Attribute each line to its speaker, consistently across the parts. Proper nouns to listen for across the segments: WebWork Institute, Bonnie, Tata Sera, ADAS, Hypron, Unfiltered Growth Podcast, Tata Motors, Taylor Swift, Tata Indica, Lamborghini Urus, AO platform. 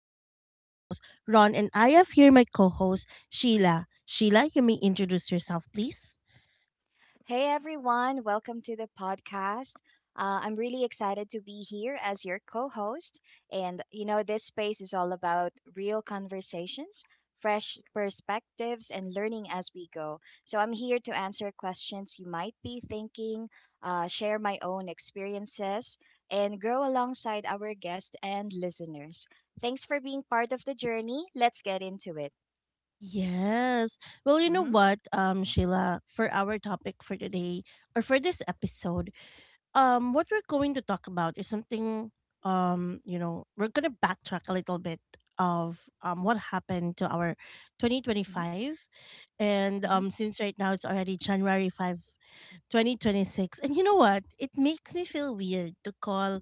Speaker 1: This is your host, Ron, and I have here my co host, Sheila. Sheila, you may introduce yourself, please.
Speaker 2: Hey everyone, welcome to the podcast. I'm really excited to be here as your co host. This space is all about real conversations, fresh perspectives, and learning as we go. So I'm here to answer questions you might be thinking, share my own experiences, and grow alongside our guests and listeners. Thanks for being part of the journey. Let's get into it.
Speaker 1: Yes. Well,
Speaker 2: hmm
Speaker 1: Sheila, for our topic for today or for this episode, what we're going to talk about is something, we're going to backtrack a little bit of what happened to our 2025, and
Speaker 2: hmm.
Speaker 1: since right now it's already January 5, 2026. And you know what, it makes me feel weird to call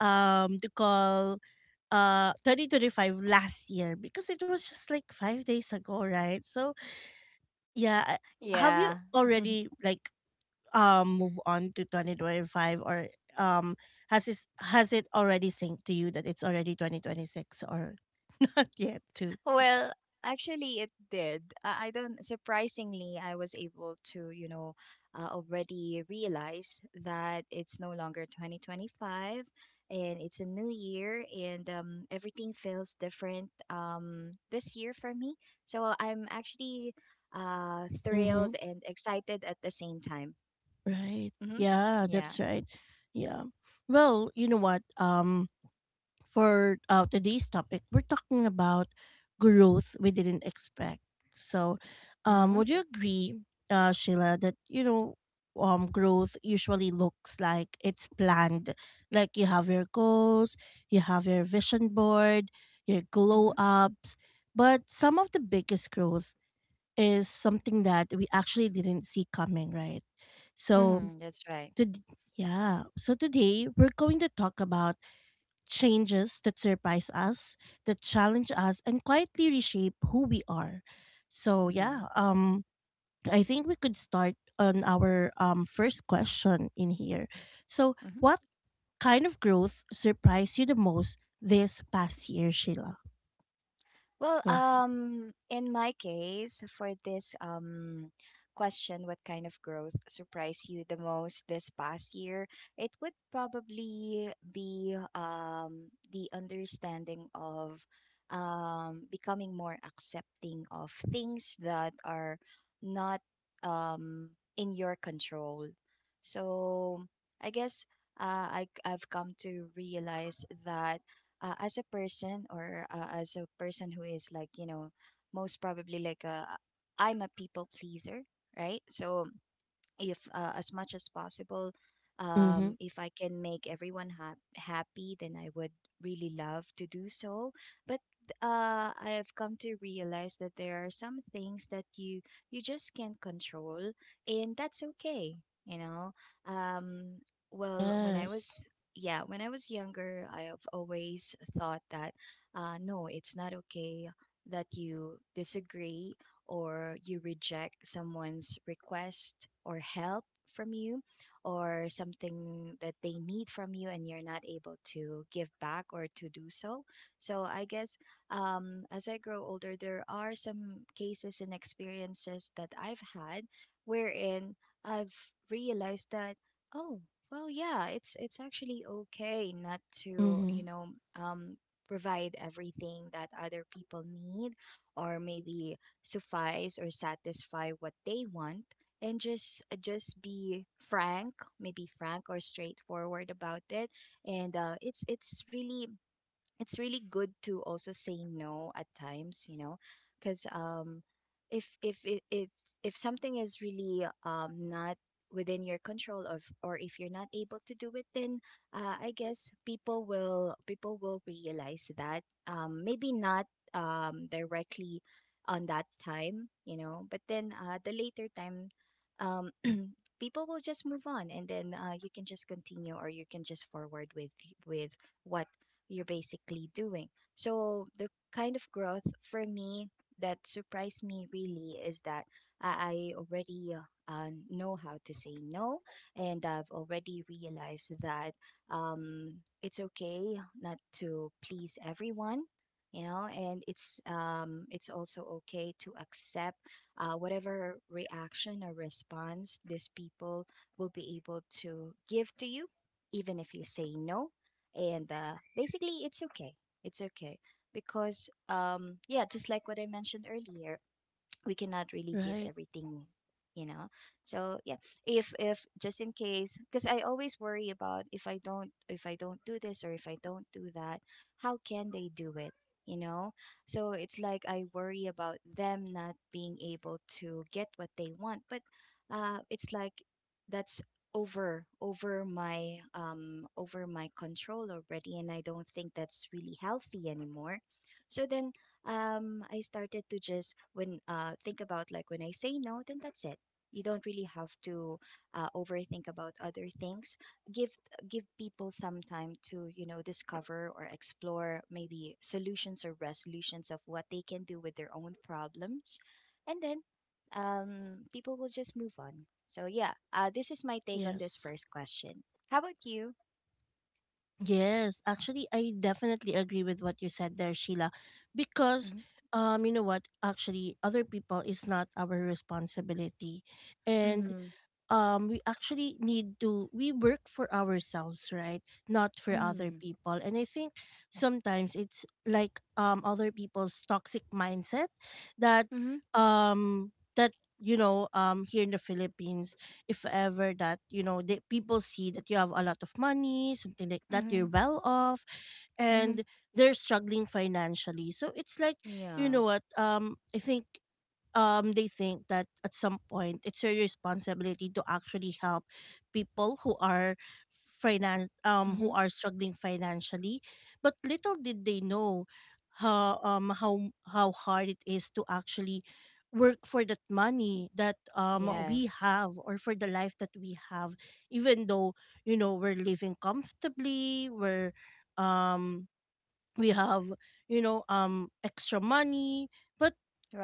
Speaker 1: um to call 2025 last year, because it was just like 5 days ago, right? So yeah, have you
Speaker 2: Yeah.
Speaker 1: already like move on to 2025, or um has it already synced to you that it's already 2026, or not yet?
Speaker 2: well, Actually, it did. I don't, surprisingly, I was able to, you know, already realize that it's no longer 2025, and it's a new year, and everything feels different this year for me. So I'm actually
Speaker 1: Mm-hmm.
Speaker 2: thrilled and excited at the same time.
Speaker 1: Right.
Speaker 2: Mm-hmm.
Speaker 1: Yeah,
Speaker 2: Yeah.
Speaker 1: that's right. Yeah. Well, you know what? For today's topic, we're talking about growth we didn't expect. So,
Speaker 2: Mm-hmm.
Speaker 1: would you agree, Sheila, that growth usually looks like it's planned, like you have your goals, you have your vision board, your glow
Speaker 2: Mm-hmm.
Speaker 1: ups, but some of the biggest growth is something that we actually didn't see coming, right? So,
Speaker 2: Mm-hmm. That's right.
Speaker 1: to, yeah, so today we're going to talk about changes that surprise us, that challenge us, and quietly reshape who we are. So
Speaker 2: Mm-hmm.
Speaker 1: I think we could start on our first question in here. So
Speaker 2: Mm-hmm.
Speaker 1: what kind of growth surprised you the most this past year, Sheila?
Speaker 2: Well,
Speaker 1: Go ahead.
Speaker 2: in my case, for this question, what kind of growth surprised you the most this past year? It would probably be the understanding of becoming more accepting of things that are not in your control. So I guess I've come to realize that as a person who is, like, you know, most probably like a, I'm a people pleaser, right? So if as much as possible,
Speaker 1: Mm-hmm.
Speaker 2: if I can make everyone happy, then I would really love to do so. But I've come to realize that there are some things that you just can't control, and that's okay, you know. um, well when i
Speaker 1: Yes.
Speaker 2: was yeah, when I was younger I have always thought that, no, it's not okay that you disagree or you reject someone's request or help from you, or something that they need from you and you're not able to give back or to do so. So I guess, as I grow older there are some cases and experiences that I've had wherein I've realized that, oh, well, yeah, it's actually okay not to, you
Speaker 1: Mm-hmm.
Speaker 2: know, um, provide everything that other people need, or maybe suffice or satisfy what they want, and just be frank, maybe frank or straightforward about it. And it's really, it's really good to also say no at times, you know. Because if it, it, if something is really not within your control of, or if you're not able to do it, then I guess people will realize that, maybe not directly on that time, you know, but then the later time, um people will just move on. And then you can just continue, or you can just forward with what you're basically doing. So, the kind of growth for me that surprised me really is that I already know how to say no, and I've already realized that it's okay not to please everyone. You know, and it's, it's also okay to accept whatever reaction or response these people will be able to give to you, even if you say no. And basically it's okay, it's okay, because yeah, just like what I mentioned earlier, we cannot really give
Speaker 1: Right.
Speaker 2: everything, you know. So yeah, if just in case, because I always worry about, if I don't, if I don't do this or if I don't do that, how can they do it, you know. So it's like I worry about them not being able to get what they want, but it's like that's over my, over my control already, and I don't think that's really healthy anymore. So then, I started to just, when think about, like, when I say no, then that's it. You don't really have to overthink about other things. Give Give people some time to, you know, discover or explore maybe solutions or resolutions of what they can do with their own problems, and then people will just move on. So yeah, this is my take on this
Speaker 1: Yes.
Speaker 2: first question. How about you?
Speaker 1: Yes, actually, I definitely agree with what you said there, Sheila, because
Speaker 2: Mm-hmm.
Speaker 1: you know what? Actually, other people is not our responsibility, and
Speaker 2: Mm-hmm.
Speaker 1: we actually need to we work for ourselves, right, not for other
Speaker 2: Mm-hmm.
Speaker 1: people. And I think sometimes it's like other people's toxic mindset that um that you know, here in the Philippines, if ever that you know the people see that you have a lot of money, something like that,
Speaker 2: Mm-hmm.
Speaker 1: you're well off,
Speaker 2: Mm-hmm.
Speaker 1: and they're struggling financially. So it's like you
Speaker 2: Yeah.
Speaker 1: know what, I think they think that at some point it's your responsibility to actually help people who are who are struggling financially. But little did they know how how hard it is to actually work for that money that we
Speaker 2: Yes.
Speaker 1: have, or for the life that we have. Even though you know we're living comfortably, we're um we have you know extra money, but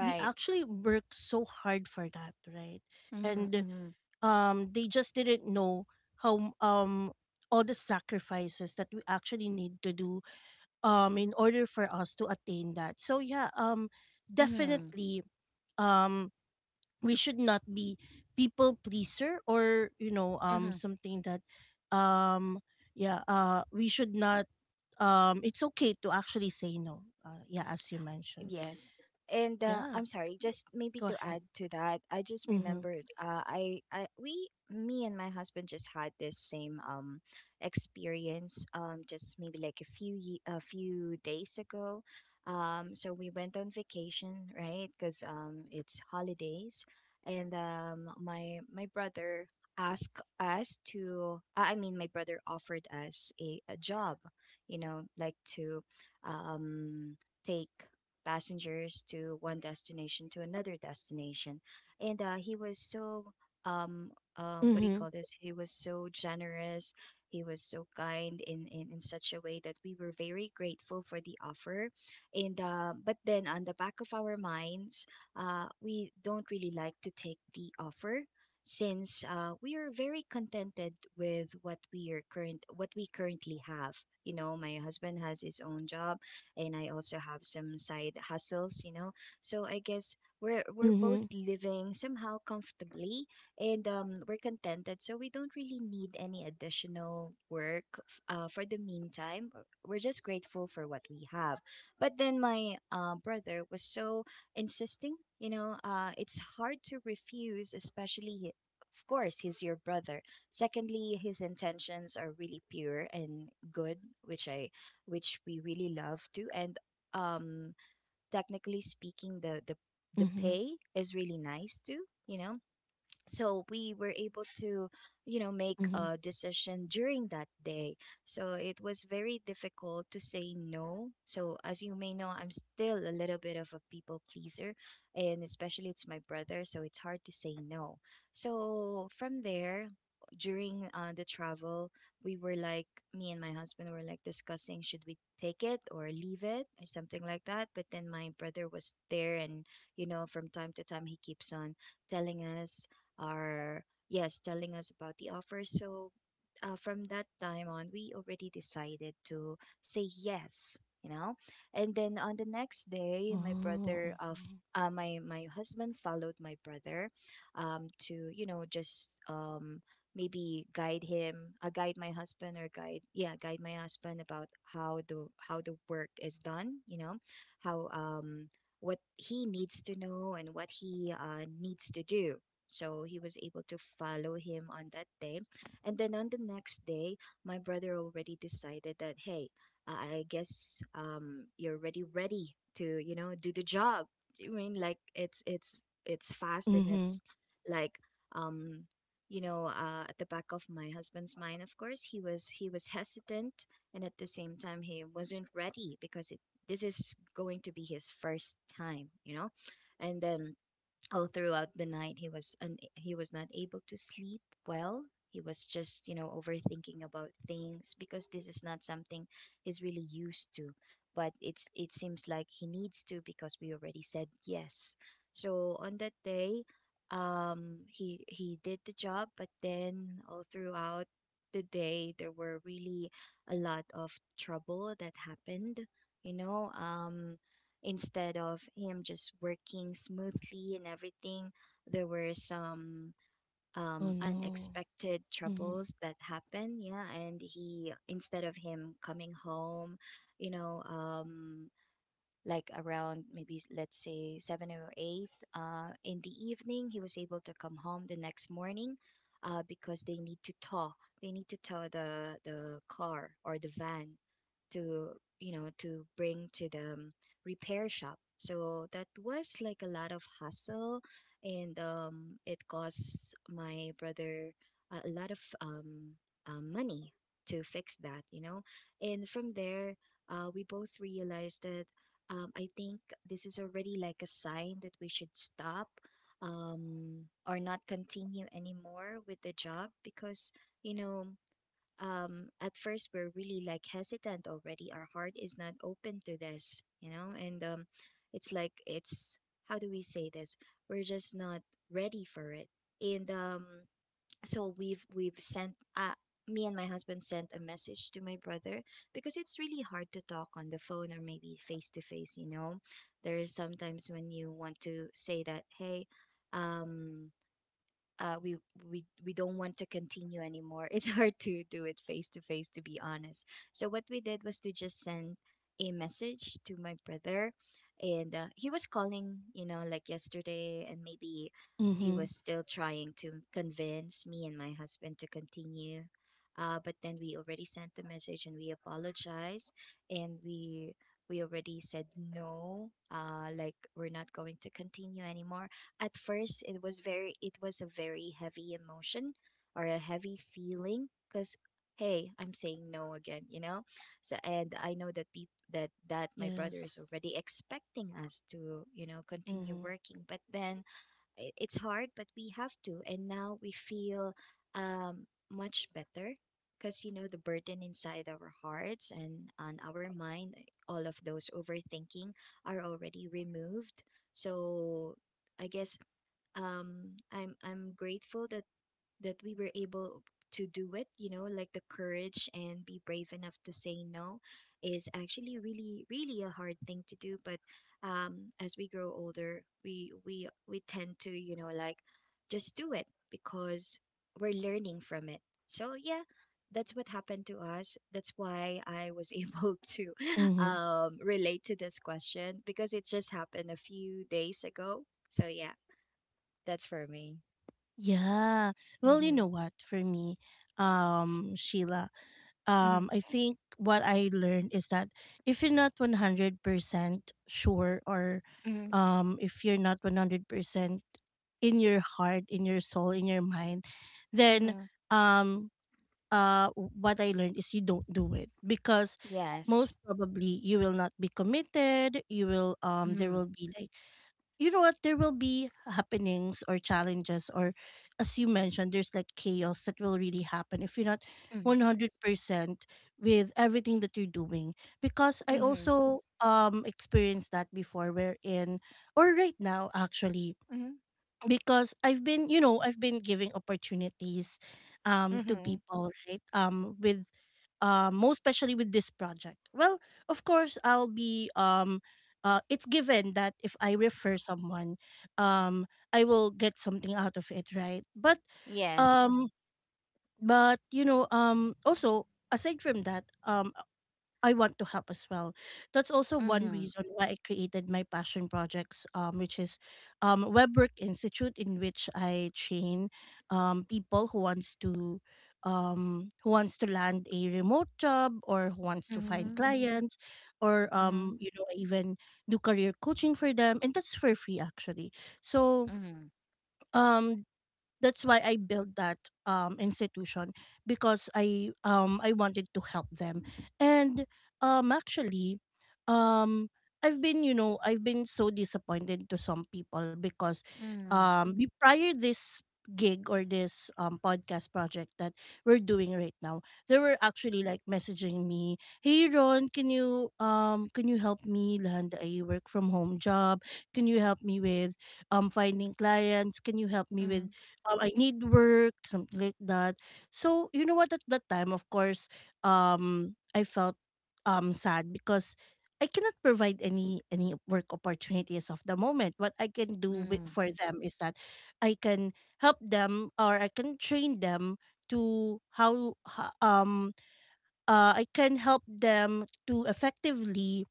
Speaker 1: we actually worked so hard for that, right?
Speaker 2: Mm-hmm.
Speaker 1: And
Speaker 2: Mm-hmm.
Speaker 1: they just didn't know how, all the sacrifices that we actually need to do in order for us to attain that. So yeah,
Speaker 2: Mm-hmm.
Speaker 1: definitely um we should not be people pleaser, or you know,
Speaker 2: Mm-hmm.
Speaker 1: something that um yeah we should not, it's okay to actually say no. Yeah, as you mentioned.
Speaker 2: Yes. And
Speaker 1: Yeah,
Speaker 2: I'm sorry, just maybe
Speaker 1: go
Speaker 2: to
Speaker 1: ahead.
Speaker 2: add to that, I just
Speaker 1: Mm-hmm.
Speaker 2: remembered, I we, me and my husband just had this same experience just maybe like a few a few days ago. So we went on vacation, right? Cuz it's holidays, and my brother asked us to, I mean, my brother offered us a job, you know, like to take passengers to one destination to another destination. And he was so, um, what do you
Speaker 1: Mm-hmm.
Speaker 2: call this? He was so generous. He was so kind in such a way that we were very grateful for the offer. And but then on the back of our minds, we don't really like to take the offer, since we are very contented with what we are current what we currently have. You know, my husband has his own job and I also have some side hustles, you know. So I guess we're both
Speaker 1: Mm-hmm.
Speaker 2: living somehow comfortably, and we're contented. So we don't really need any additional work, for the meantime. We're just grateful for what we have. But then my brother was so insisting, you know. It's hard to refuse, especially, of course, he's your brother. Secondly, his intentions are really pure and good, which i which we really love to. And um, technically speaking, the
Speaker 1: Mm-hmm.
Speaker 2: pay is really nice too. You know, so we were able to, you know, make
Speaker 1: Mm-hmm.
Speaker 2: a decision during that day. So it was very difficult to say no. So as you may know, I'm still a little bit of a people pleaser, and especially it's my brother, so it's hard to say no. So from there, during the travel, we were like, me and my husband were like discussing, should we take it or leave it or something like that. But then my brother was there, and you know, from time to time he keeps on telling us, are yes, telling us about the offer. So from that time on, we already decided to say yes, you know. And then on the next day my
Speaker 1: Oh.
Speaker 2: brother of
Speaker 1: Mm-hmm.
Speaker 2: my husband followed my brother to, you know, just maybe guide him, guide my husband or guide yeah, guide my husband about how the work is done, you know, how what he needs to know and what he needs to do. So he was able to follow him on that day. And then on the next day, my brother already decided that, hey, I guess you're already ready to, you know, do the job. I mean, like, it's fast and
Speaker 1: Mm-hmm.
Speaker 2: it's like, um, you know, at the back of my husband's mind, of course, he was hesitant, and at the same time he wasn't ready because it, this is going to be his first time, you know. And then all throughout the night he was not able to sleep well. He was just, you know, overthinking about things, because this is not something he's really used to. But it's, it seems like he needs to, because we already said yes. So on that day, he did the job, but then all throughout the day there were really a lot of trouble that happened, you know. Instead of him just working smoothly and everything, there were some
Speaker 1: Oh no.
Speaker 2: unexpected
Speaker 1: Mm-hmm.
Speaker 2: troubles that happened, yeah. And he, instead of him coming home, you know, like around maybe let's say seven or eight in the evening, he was able to come home the next morning, because they need to tow they need to tow the car or the van to, you know, to bring to the, repair shop. So that was like a lot of hassle, and it cost my brother a lot of money to fix that, you know. And from there, we both realized that, I think this is already like a sign that we should stop, or not continue anymore with the job. Because, you know, at first we're really like hesitant already. Our heart is not open to this, you know. And it's like, it's, how do we say this? We're just not ready for it. And so we've sent me and my husband sent a message to my brother, because it's really hard to talk on the phone or maybe face to face, you know. There is sometimes when you want to say that, hey, um uh, we we don't want to continue anymore. It's hard to do it face to face, to be honest. So what we did was to just send a message to my brother, and he was calling, you know, like yesterday, and maybe he
Speaker 1: Mm-hmm.
Speaker 2: was still trying to convince me and my husband to continue. But then we already sent the message and we apologized, and we already said no. Like, we're not going to continue anymore. At first it was a very heavy emotion or a heavy feeling, because, hey, I'm saying no again, you know. So, and I know that people that my brother
Speaker 1: Yes.
Speaker 2: is already expecting us to, you know, continue
Speaker 1: Mm-hmm.
Speaker 2: working. But then, it's hard, but we have to, and now we feel much better, because, you know, the burden inside our hearts and on our mind, all of those overthinking, are already removed. So I guess I'm grateful that we were able to do it, you know, like the courage and be brave enough to say no is actually really really a hard thing to do. But as we grow older, we tend to, you know, like just do it because we're learning from it. So yeah, that's what happened to us. That's why I was able to
Speaker 1: Mm-hmm.
Speaker 2: relate to this question, because it just happened a few days ago. So yeah, that's for me.
Speaker 1: Yeah. Well, you
Speaker 2: Mm-hmm.
Speaker 1: know what? For me, Sheila,
Speaker 2: Mm-hmm.
Speaker 1: I think what I learned is that if you're not 100% sure, or
Speaker 2: Mm-hmm.
Speaker 1: if you're not 100% in your heart, in your soul, in your mind, then
Speaker 2: Mm-hmm.
Speaker 1: um, what I learned is you don't do it, because most
Speaker 2: Yes.
Speaker 1: probably you will not be committed. You will there
Speaker 2: Mm-hmm.
Speaker 1: will be like you know what, there will be happenings or challenges, or as you mentioned, there's like chaos that will really happen if you're not
Speaker 2: Mm-hmm.
Speaker 1: 100% with everything that you're doing. Because I
Speaker 2: Mm-hmm.
Speaker 1: also experienced that before, wherein, or right now actually,
Speaker 2: Mm-hmm.
Speaker 1: because I've been, you know, I've been giving opportunities to
Speaker 2: Mm-hmm.
Speaker 1: people, right? With most especially with this project. Well, of course I'll be it's given that if I refer someone, um I will get something out of it, right?
Speaker 2: Yes.
Speaker 1: Um but you know, also aside from that, I want to help as well. That's also one
Speaker 2: Mm-hmm.
Speaker 1: reason why I created my passion projects, which is WebWork Institute, in which I train people who wants to land a remote job or who wants to find
Speaker 2: Mm-hmm.
Speaker 1: clients, or
Speaker 2: Mm-hmm.
Speaker 1: you know, I even do career coaching for them, and that's for free actually. So um that's why I built that institution because I wanted to help them. And actually um I've been, you know, I've been so disappointed to some people because
Speaker 2: Mm-hmm.
Speaker 1: prior this gig, or this podcast project that we're doing right now, they were actually like messaging me, "Hey Ron, can you help me land a work from home job? Can you help me with finding clients? Can you help me with
Speaker 2: Mm-hmm.
Speaker 1: I need work," something like that. So you know what? At that time, of course, I felt sad, because I cannot provide any work opportunities of the moment. What I can do
Speaker 2: Mm-hmm.
Speaker 1: for them is that I can help them, or I can train them to I can help them to effectively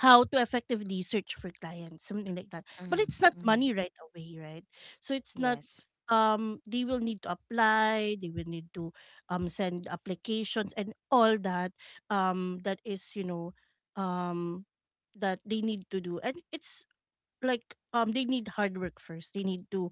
Speaker 1: how to effectively search for clients, something like that. But it's not
Speaker 2: Mm-hmm. Mm-hmm.
Speaker 1: money right away, right? So it's not
Speaker 2: Yes.
Speaker 1: they will need to apply, they will need to send applications and all that, that is, you know, um that they need to do. And it's like they need hard work first. They need to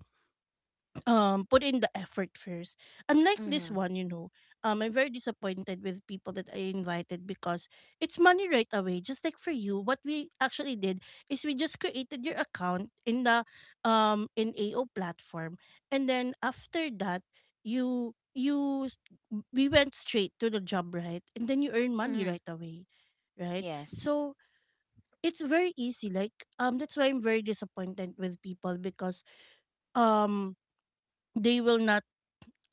Speaker 1: put in the effort first. Unlike this
Speaker 2: Mm-hmm.
Speaker 1: one, you know, I'm very disappointed with people that I invited because it's money right away. Just like for you, what we actually did is we just created your account in the in AO platform. And then after that, you you s- we went straight to the job, right? And then you earn money
Speaker 2: Mm-hmm.
Speaker 1: right away. Right?
Speaker 2: Yes.
Speaker 1: So it's very easy. Like that's why I'm very disappointed with people because um they will not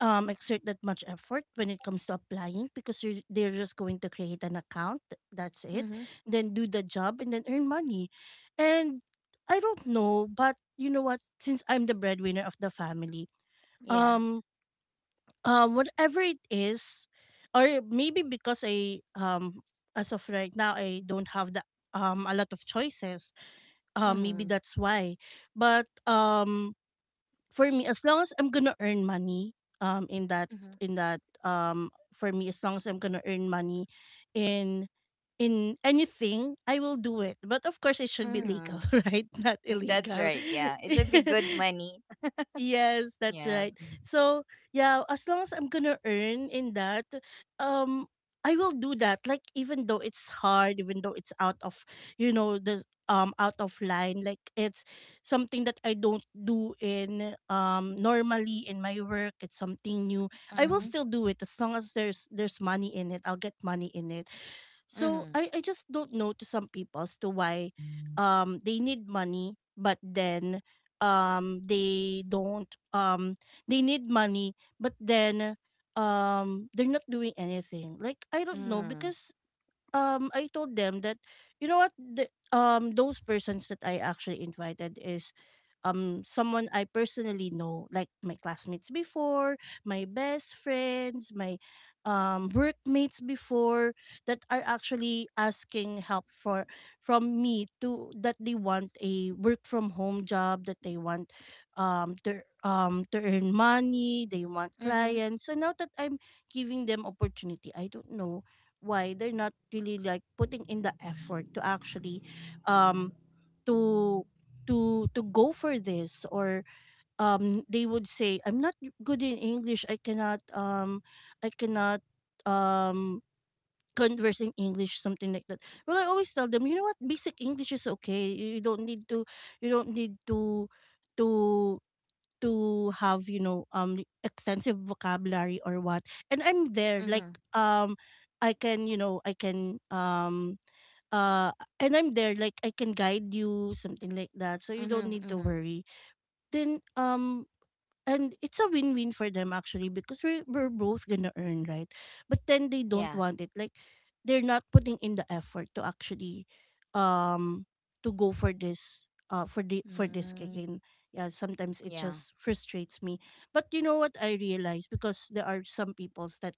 Speaker 1: exert that much effort when it comes to applying, because they're just going to create an account, that's it,
Speaker 2: Mm-hmm.
Speaker 1: then do the job and then earn money. And I don't know, but you know what, since I'm the breadwinner of the family, um
Speaker 2: Yes.
Speaker 1: whatever it is, or maybe because I as of right now, I don't have the a lot of choices, maybe
Speaker 2: Mm-hmm.
Speaker 1: that's why. But for me, as long as I'm gonna earn money
Speaker 2: Mm-hmm.
Speaker 1: in that for me, as long as I'm gonna earn money in anything, I will do it. But of course, it should be legal,
Speaker 2: Mm-hmm.
Speaker 1: right, not
Speaker 2: That's
Speaker 1: illegal.
Speaker 2: right. Yeah. It should be good money.
Speaker 1: Yes, that's
Speaker 2: Yeah.
Speaker 1: right. So, yeah, as long as I'm gonna earn in that, um, I will do that. Like, even though it's hard, even though it's out of, you know, the out of line, like it's something that I don't do in normally in my work. It's something new. I will
Speaker 2: Mhm.
Speaker 1: still do it as long as there's money in it. I'll get money in it. So
Speaker 2: Mm-hmm.
Speaker 1: I just don't know to some people as to why they need money, but then they don't they need money but then they're not doing anything. Like I don't know,
Speaker 2: Mm-hmm.
Speaker 1: because I told them that you know what, those persons that I actually invited is someone I personally know, like my classmates before, my best friends, my workmates before, that are actually asking help for from me to that they want a work from home job, that they want to earn money, they want
Speaker 2: Mm-hmm.
Speaker 1: clients. So now that I'm giving them opportunity, I don't know why they're not really like putting in the effort to actually um to to go for this. Or they would say I'm not good in english. I cannot I cannot um converse in english, something like that. Well, I always tell them, you know what, basic english is okay. You don't need to you don't need to to to have, you know, extensive vocabulary or what. And I'm there
Speaker 2: Mm-hmm.
Speaker 1: like um I can, you know, I can uh and I'm there like I can guide you, something like that, so you don't
Speaker 2: Mm-hmm.
Speaker 1: need to
Speaker 2: Mm-hmm.
Speaker 1: worry. Then And it's a win-win for them actually, because we're both gonna earn, right? But then they don't
Speaker 2: Yeah.
Speaker 1: want it, like they're not putting in the effort to actually um to go for this, for this kick.
Speaker 2: Mm-hmm.
Speaker 1: And yeah, sometimes it
Speaker 2: Yeah.
Speaker 1: just frustrates me. But you know what, I realize, because there are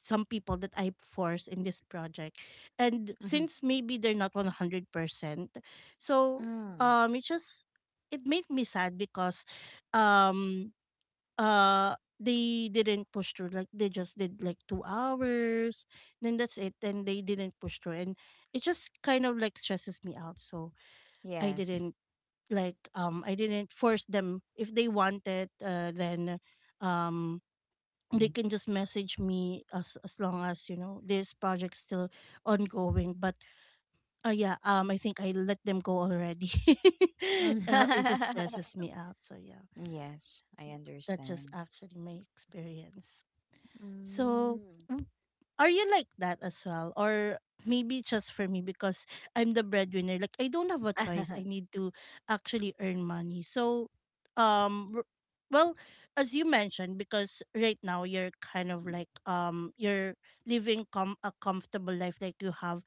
Speaker 1: some people that I force in this project, and
Speaker 2: Hmm.
Speaker 1: since maybe they're not 100%, so
Speaker 2: Mm.
Speaker 1: it just, it made me sad because um they didn't push through. Like they just did like 2 hours, then that's it, and they didn't push through. And it just kind of like stresses me out. So I
Speaker 2: Yes.
Speaker 1: didn't, like, I didn't force them. If they wanted, then um they can just message me, as long as, you know, this project's still ongoing. But yeah, I think I let them go already.
Speaker 2: Mm.
Speaker 1: It just stresses me out, so yeah,
Speaker 2: Yes, I
Speaker 1: that's just
Speaker 2: understand.
Speaker 1: actually my experience. So,
Speaker 2: Mm.
Speaker 1: w- are you like that as well? Or maybe just for me, because I'm the breadwinner. Like, I don't have a choice. I need to actually earn money. So, um, r- well, as you mentioned, because right now you're kind of like, you're living a comfortable life. Like, you have,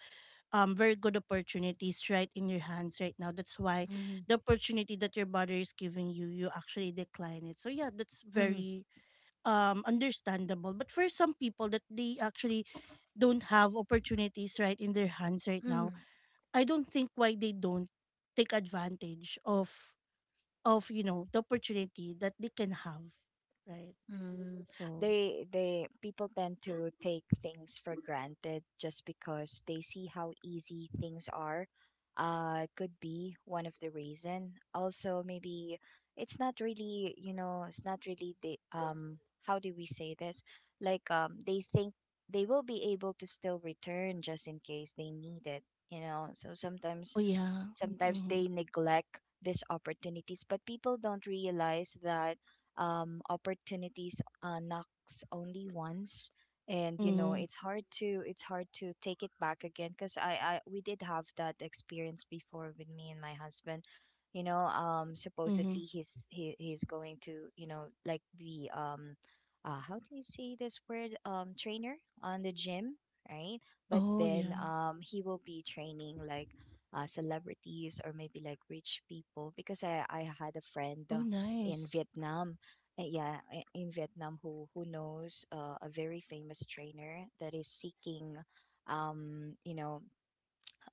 Speaker 1: very good opportunities right in your hands right now. That's why
Speaker 2: Mm-hmm.
Speaker 1: the opportunity that your brother is giving you, you actually decline it. So, yeah, that's very understandable. But for some people that they actually don't have opportunities right in their hands right now,
Speaker 2: Mm.
Speaker 1: I don't think why they don't take advantage of you know, the opportunity that they can have, right?
Speaker 2: Mm,
Speaker 1: So.
Speaker 2: they people tend to take things for granted just because they see how easy things are. Could be one of the reason. Also, maybe it's not really the How do we say this? Like, they think they will be able to still return just in case they need it. You know, so sometimes
Speaker 1: Oh, yeah.
Speaker 2: Sometimes
Speaker 1: Mm-hmm.
Speaker 2: they neglect these opportunities, but people don't realize that, opportunities, knocks only once, and, you know,
Speaker 1: Mm-hmm.
Speaker 2: it's hard to, take it back again. Because I we did have that experience before, with me and my husband. You know,
Speaker 1: Mm-hmm.
Speaker 2: supposedly he's going to, you know, like be how do you say this word, trainer on the gym, right? But
Speaker 1: Oh,
Speaker 2: then
Speaker 1: yeah.
Speaker 2: he will be training like celebrities or maybe like rich people, because I had a friend
Speaker 1: Oh,
Speaker 2: in
Speaker 1: nice.
Speaker 2: Vietnam. Yeah, in Vietnam, who knows a very famous trainer that is seeking um you know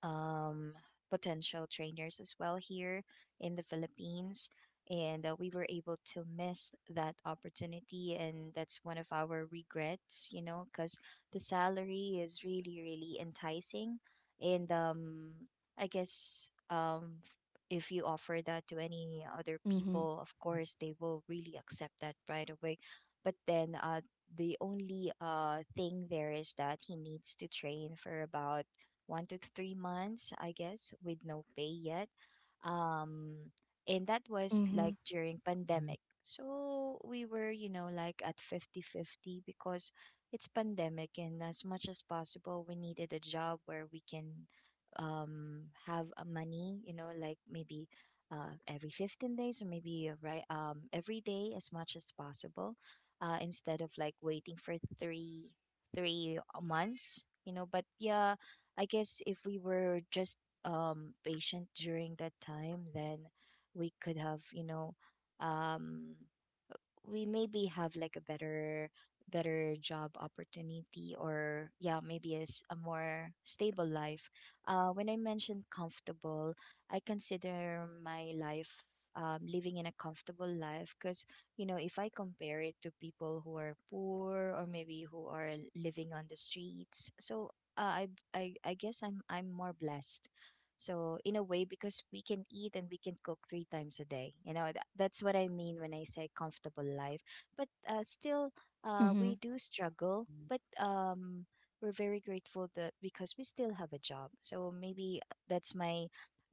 Speaker 2: um, potential trainers as well here in the Philippines. And we were able to miss that opportunity. And that's one of our regrets, you know, because the salary is really, really enticing. And I guess, if you offer that to any other
Speaker 1: Mm-hmm.
Speaker 2: people, of course, they will really accept that right away. But then the only thing there is that he needs to train for about 1 to 3 months, I guess, with no pay yet. Um, and that was
Speaker 1: Mm-hmm.
Speaker 2: like during pandemic. So we were, you know, like at 50-50, because it's pandemic and as much as possible we needed a job where we can have a money, you know, like maybe every 15 days or maybe right every day as much as possible, instead of like waiting for 3 3 months, you know. But yeah, I guess if we were just patient during that time, then we could have, you know, um we maybe have like a better job opportunity, or yeah, maybe is a more stable life. When I mentioned comfortable, I consider my life, living in a comfortable life, because, you know, if I compare it to people who are poor or maybe who are living on the streets. So, uh, I, I guess I'm more blessed, so, in a way, because we can eat and we can cook three times a day, you know, that's what I mean when I say comfortable life. But still,
Speaker 1: Mm-hmm.
Speaker 2: we do struggle, but, we're very grateful that because we still have a job. So maybe that's my,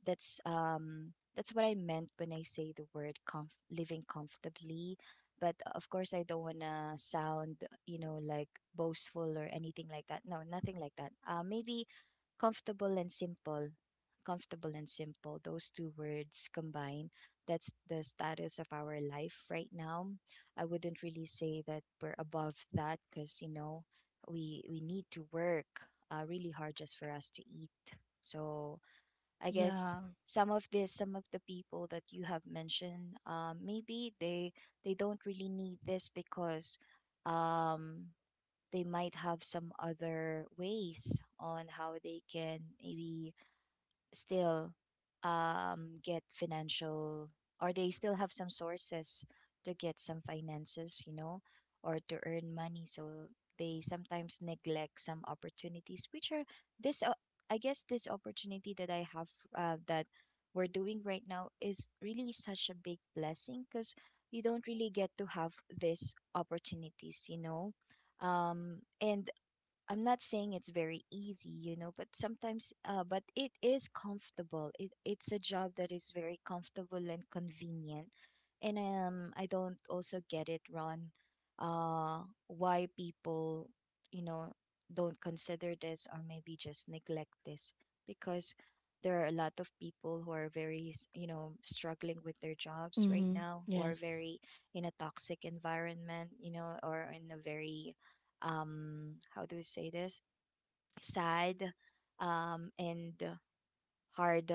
Speaker 2: that's what I meant when I say the word living comfortably. But of course, I don't wanna sound, you know, like boastful or anything like that. No, nothing like that. Maybe comfortable and simple, comfortable and simple, those two words combined, that's the status of our life right now. I wouldn't really say that we're above that, because, you know, we need to work really hard just for us to eat. So I guess
Speaker 1: Yeah.
Speaker 2: some of the people that you have mentioned, maybe they don't really need this, because um they might have some other ways on how they can maybe still get financial, or they still have some sources to get some finances, you know, or to earn money. So they sometimes neglect some opportunities, which are, this I guess this opportunity that I have, that we're doing right now, is really such a big blessing, because you don't really get to have these opportunities, you know. And I'm not saying it's very easy, you know, but sometimes, but it is comfortable. It, it's a job that is very comfortable and convenient, and, I don't also get it, Ron, why people, you know, don't consider this or maybe just neglect this, because there are a lot of people who are very, you know, struggling with their jobs right
Speaker 1: Mm-hmm.
Speaker 2: now, who are
Speaker 1: Yes.
Speaker 2: very in a toxic environment, you know, or in a very how do we say this, sad, and hard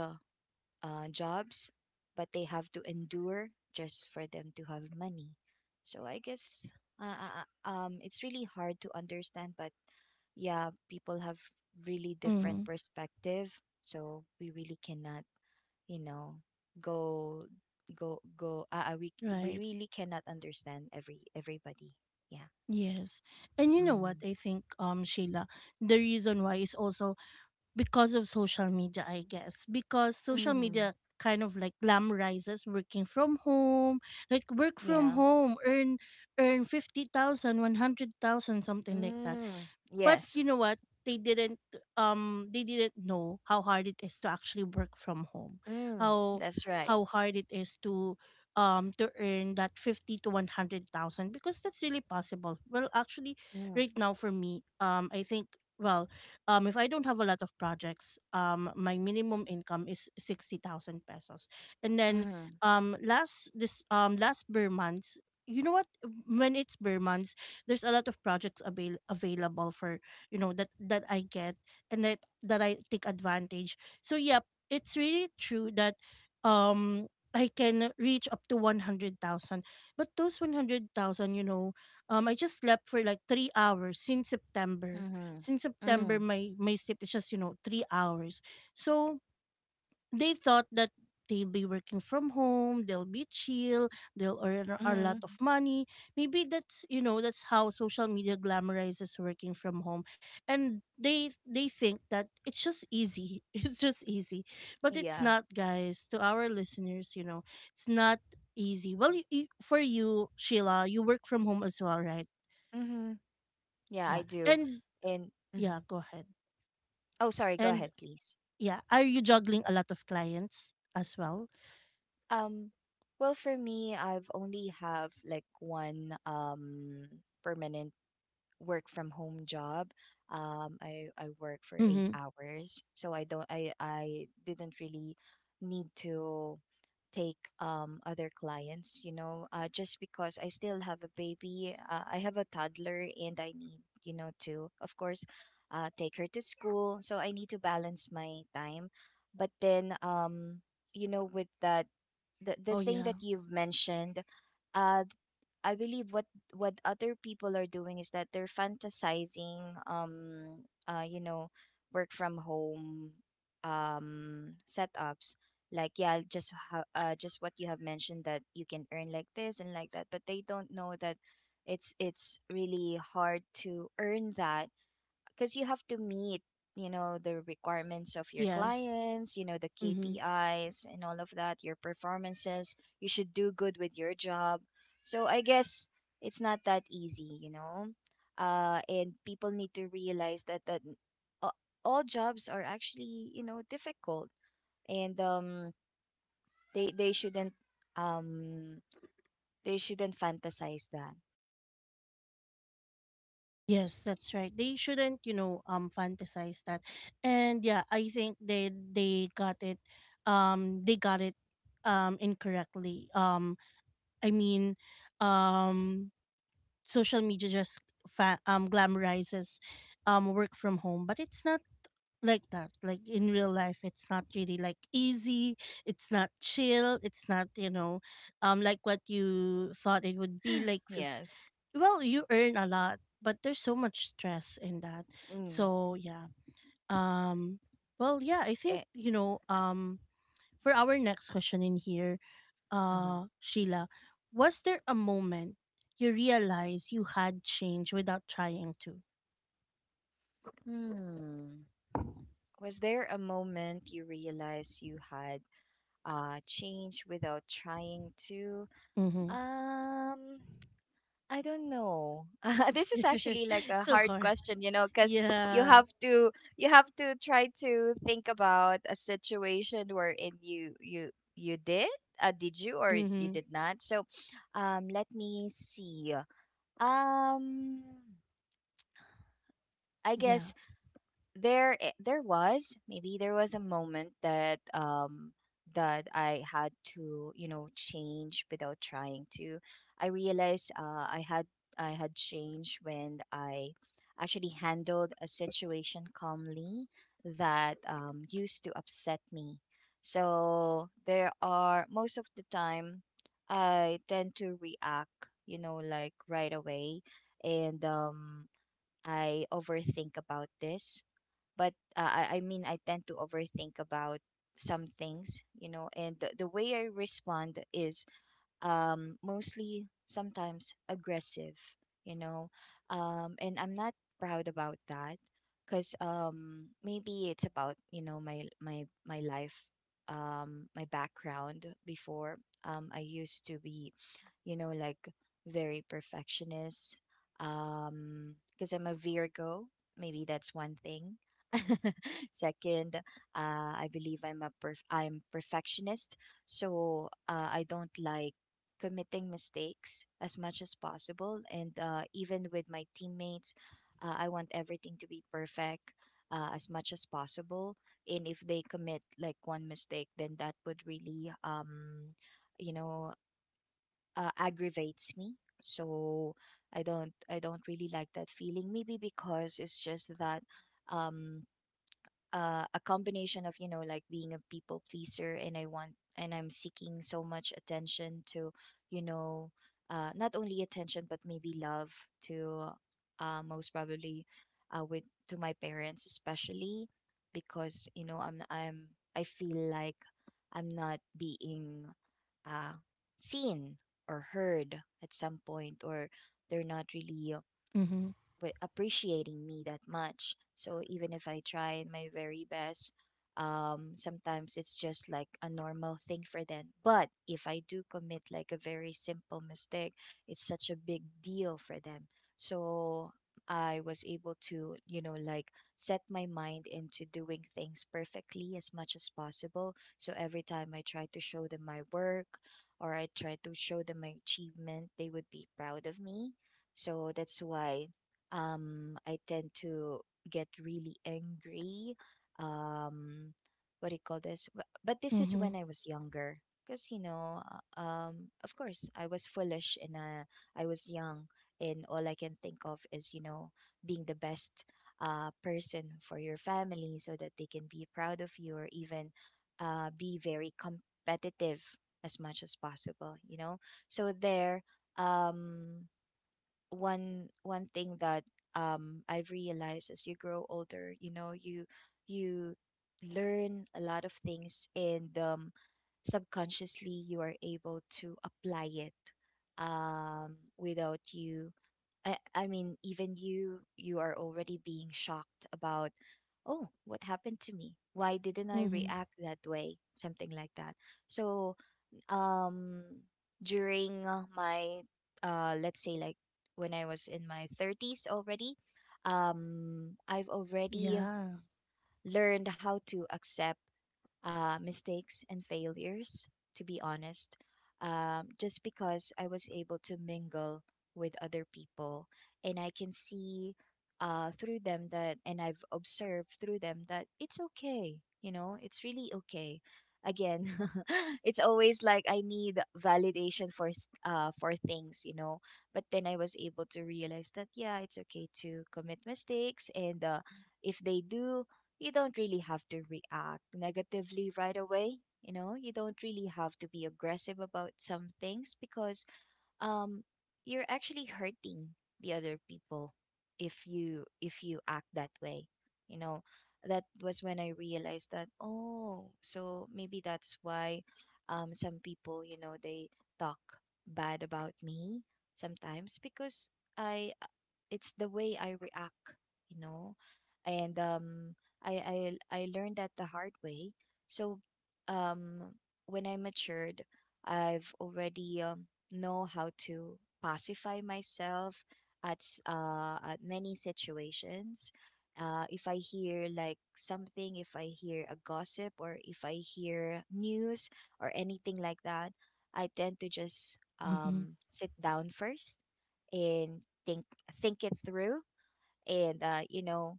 Speaker 2: jobs, but they have to endure just for them to have money. So I guess uh, uh, it's really hard to understand. But yeah, people have really different
Speaker 1: Mm-hmm.
Speaker 2: perspective, so we really cannot, you know, go go go we
Speaker 1: Right.
Speaker 2: really cannot understand everybody. Yeah.
Speaker 1: Yes. And you know what
Speaker 2: Mm-hmm.
Speaker 1: I think, Sheila, the reason why is also because of social media, I guess. Because social
Speaker 2: Mm-hmm.
Speaker 1: media kind of like glamorizes working from home, like work from
Speaker 2: Yeah.
Speaker 1: home, earn 50,000, 100,000, something like that.
Speaker 2: Mm,
Speaker 1: But
Speaker 2: yes.
Speaker 1: you know what? They didn't they didn't know how hard it is to actually work from home.
Speaker 2: Mm,
Speaker 1: How
Speaker 2: that's right.
Speaker 1: how hard it is to earn that 50 to 100,000, because that's really possible. Well, actually
Speaker 2: Mm,
Speaker 1: right now for me, I think, well, if I don't have a lot of projects, my minimum income is 60,000 pesos. And then
Speaker 2: mm,
Speaker 1: last, this last Burr months, you know what, when it's Burr months, there's a lot of projects available for, you know, that I get, and that I take advantage. So yep, it's really true that um I can reach up to 100,000. But those 100,000, you know, I just slept for like 3 hours since September.
Speaker 2: mm,
Speaker 1: Since
Speaker 2: mm,
Speaker 1: September
Speaker 2: mm.
Speaker 1: my sleep is just, you know, 3 hours. So they thought that they'll be working from home, they'll be chill, they'll earn a lot of
Speaker 2: Mhm.
Speaker 1: money. Maybe that's, you know, that's how social media glamorizes working from home, and they think that it's just easy. It's just easy, but it's
Speaker 2: Yeah.
Speaker 1: not, guys. To our listeners, you know, it's not easy. Well, for you, Sheila, you work from home as well, right?
Speaker 2: Mm-hmm. Yeah, I
Speaker 1: Yeah.
Speaker 2: do.
Speaker 1: And
Speaker 2: And mhm.
Speaker 1: yeah, go ahead.
Speaker 2: Oh, sorry, go
Speaker 1: And
Speaker 2: ahead, please.
Speaker 1: yeah, are you juggling a lot of clients as well?
Speaker 2: Um, well, for me, I've only have like one permanent work from home job. I work for eight
Speaker 1: Mm-hmm.
Speaker 2: hours, so I don't I didn't really need to take other clients, you know, just because I still have a baby. I have a toddler and I need, you know, to of course take her to school, so I need to balance my time. But then with that, the,
Speaker 1: Oh,
Speaker 2: thing
Speaker 1: yeah.
Speaker 2: that you've mentioned, uh I believe what other people are doing is that they're fantasizing work from home setups, like, yeah, just what you have mentioned, that you can earn like this and like that. But they don't know that it's really hard to earn that, because you have to meet, you know, the requirements of your
Speaker 1: Yes.
Speaker 2: clients, you know, the
Speaker 1: Mm-hmm.
Speaker 2: KPIs and all of that, your performances, you should do good with your job. So I guess it's not that easy, you know. And people need to realize that a- all jobs are actually, you know, difficult. And they they shouldn't um they shouldn't fantasize that.
Speaker 1: Yes, that's right. They shouldn't, you know, fantasize that. And yeah, I think they got it, they got it, incorrectly. I mean, um, social media just glamorizes, work from home, but it's not like that. Like in real life, it's not really like easy. It's not chill. It's not, you know, like what you thought it would be like.
Speaker 2: Yes.
Speaker 1: Well, you earn a lot, but there's so much stress in that.
Speaker 2: Mm.
Speaker 1: So yeah, um well yeah, I think,
Speaker 2: Eh,
Speaker 1: you know, for our next question in here,
Speaker 2: mhm.
Speaker 1: Sheila, was there a moment you realize you had changed without trying to?
Speaker 2: Hmm. Was there a moment you realized you had changed without trying to?
Speaker 1: Mm-hmm.
Speaker 2: Um I don't know. This is actually like a
Speaker 1: So
Speaker 2: hard
Speaker 1: hard.
Speaker 2: question, you know, because you
Speaker 1: Yeah.
Speaker 2: have to, try to think about a situation wherein you you you did you or you
Speaker 1: Mm-hmm.
Speaker 2: did not. So, let me see. Um, I
Speaker 1: Yeah.
Speaker 2: guess there was, maybe there was a moment that that I had to, you know, change without trying to. I realized I had changed when I actually handled a situation calmly that, used to upset me. So there are most of the time I tend to react, you know, like right away. And I overthink about this. But I mean, I tend to overthink about some things, you know, and the, way I respond is mostly sometimes aggressive, you know. And I'm not proud about that, because maybe it's about, you know, my my life, my background before. I used to be, you know, like, very perfectionist. Because I'm a Virgo, maybe that's one thing. Second, I believe I'm perfectionist, so I don't like committing mistakes as much as possible. And even with my teammates, I want everything to be perfect as much as possible. And if they commit like one mistake, then that would really you know, aggravates me, so I don't really like that feeling, maybe because it's just that um a combination of, you know, like being a people pleaser, and I want and I'm seeking so much attention to, you know not only attention but maybe love to, most probably with to my parents especially, because you know I'm I feel like I'm not being uh, seen or heard at some point, or they're not really
Speaker 1: Mm-hmm.
Speaker 2: appreciating me that much. So even if I try my very best, sometimes it's just like a normal thing for them. But if I do commit like a very simple mistake, it's such a big deal for them. So I was able to, you know, like set my mind into doing things perfectly as much as possible. So every time I try to show them my work or I try to show them my achievement, they would be proud of me. So that's why I tend to get really angry. Um, what do you call this? But this is when
Speaker 1: Mm-hmm.
Speaker 2: I was younger, because you know, of course, I was foolish and I was young, and all I can think of is, you know, being the best person for your family so that they can be proud of you, or even be very competitive as much as possible. You know, so there um one thing that I've realized, as you grow older, you know, you learn a lot of things, and subconsciously you are able to apply it without you, I mean, even you are already being shocked about, oh, what happened to me, why didn't I
Speaker 1: Mm-hmm.
Speaker 2: react that way, something like that. So um during my let's say, like, when I was in my thirties already, I've already
Speaker 1: Yeah.
Speaker 2: learned how to accept mistakes and failures, to be honest, just because I was able to mingle with other people, and I can see through them that, and I've observed through them that it's okay, you know, it's really okay. Again, it's always like I need validation for for things, you know. But then I was able to realize that yeah, it's okay to commit mistakes, and if they do, you don't really have to react negatively right away. You know, you don't really have to be aggressive about some things, because um you're actually hurting the other people if you act that way, you know. That was when I realized that, oh, so maybe that's why some people, you know, they talk bad about me sometimes because I it's the way I react, you know. And I learned that the hard way. So um when I matured, I've already know how to pacify myself at at many situations. If I hear like something, if I hear a gossip, or if I hear news or anything like that, I tend to just
Speaker 1: Mm-hmm.
Speaker 2: sit down first and think it through, and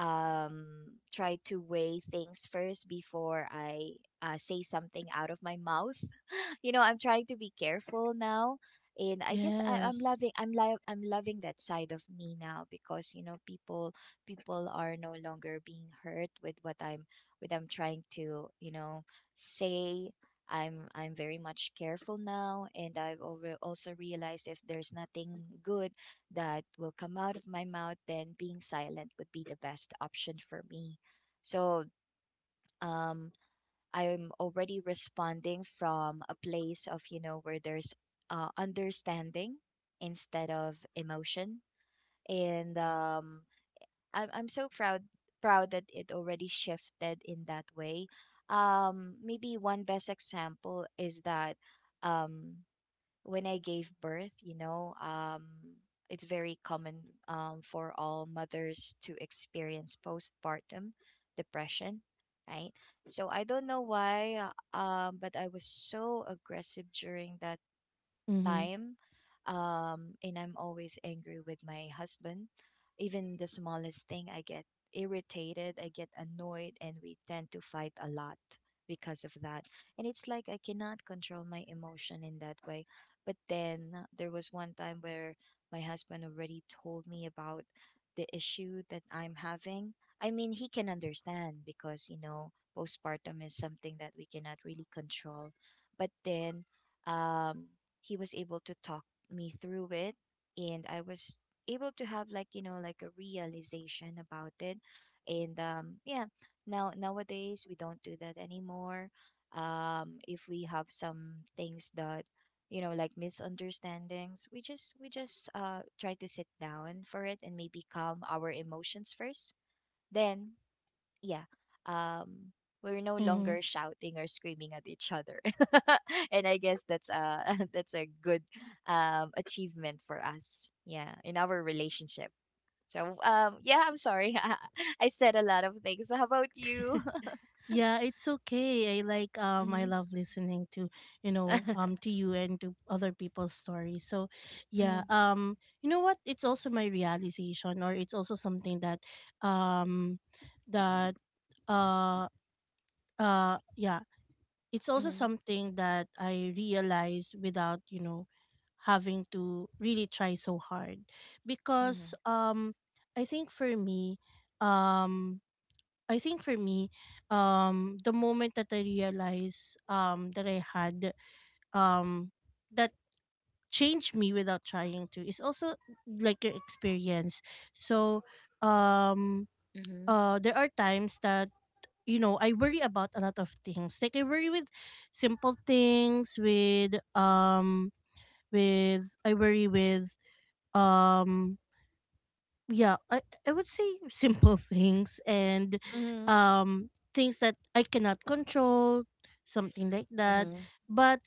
Speaker 2: um try to weigh things first before I say something out of my mouth. You know, I'm trying to be careful now, and I guess I, I'm
Speaker 1: Yes.
Speaker 2: loving I'm li- I'm loving that side of me now, because you know, people are no longer being hurt with what I'm trying to, you know, say. I'm very much careful now, and I've over also realized if there's nothing good that will come out of my mouth, then being silent would be the best option for me. So um, I'm already responding from a place of, you know, where there's understanding instead of emotion. And I'm so proud that it already shifted in that way. Maybe one best example is that um, when I gave birth, you know, it's very common for all mothers to experience postpartum depression, right? So I don't know why, but I was so aggressive during that
Speaker 1: Mm-hmm.
Speaker 2: time. And I'm always angry with my husband. Even the smallest thing, I get irritated, I get annoyed, and we tend to fight a lot because of that. And it's like I cannot control my emotion in that way. But then there was one time where my husband already told me about the issue that I'm having. I mean, he can understand because, you know, postpartum is something that we cannot really control. But then um, he was able to talk me through it, and I was able to have, like, you know, like a realization about it. And yeah, nowadays we don't do that anymore. If we have some things that, you know, like misunderstandings, we just try to sit down for it and maybe calm our emotions first, then yeah, um, we're no
Speaker 1: Mm-hmm.
Speaker 2: longer shouting or screaming at each other, and I guess that's that's a good achievement for us. Yeah, in our relationship. So yeah, I'm sorry, I said a lot of things. How about you?
Speaker 1: Yeah, it's okay. I like I
Speaker 2: Mm-hmm.
Speaker 1: love listening to, you know, to you and to other people's stories. So,
Speaker 2: Mm-hmm.
Speaker 1: yeah, you know what? It's also my realization, or it's also something that um that uh yeah, it's also something that I realize without, you know, having to really try so hard, because
Speaker 2: Mm-hmm.
Speaker 1: I think for me, um I think for me, the moment that I realized that I had um that changed me without trying to, is also like your experience. So um
Speaker 2: Mm-hmm.
Speaker 1: there are times that, you know, I worry about a lot of things. Like I worry with simple things, with I worry with um yeah, I would say simple things, and
Speaker 2: Mm-hmm.
Speaker 1: things that I cannot control, something like that.
Speaker 2: Mm-hmm.
Speaker 1: But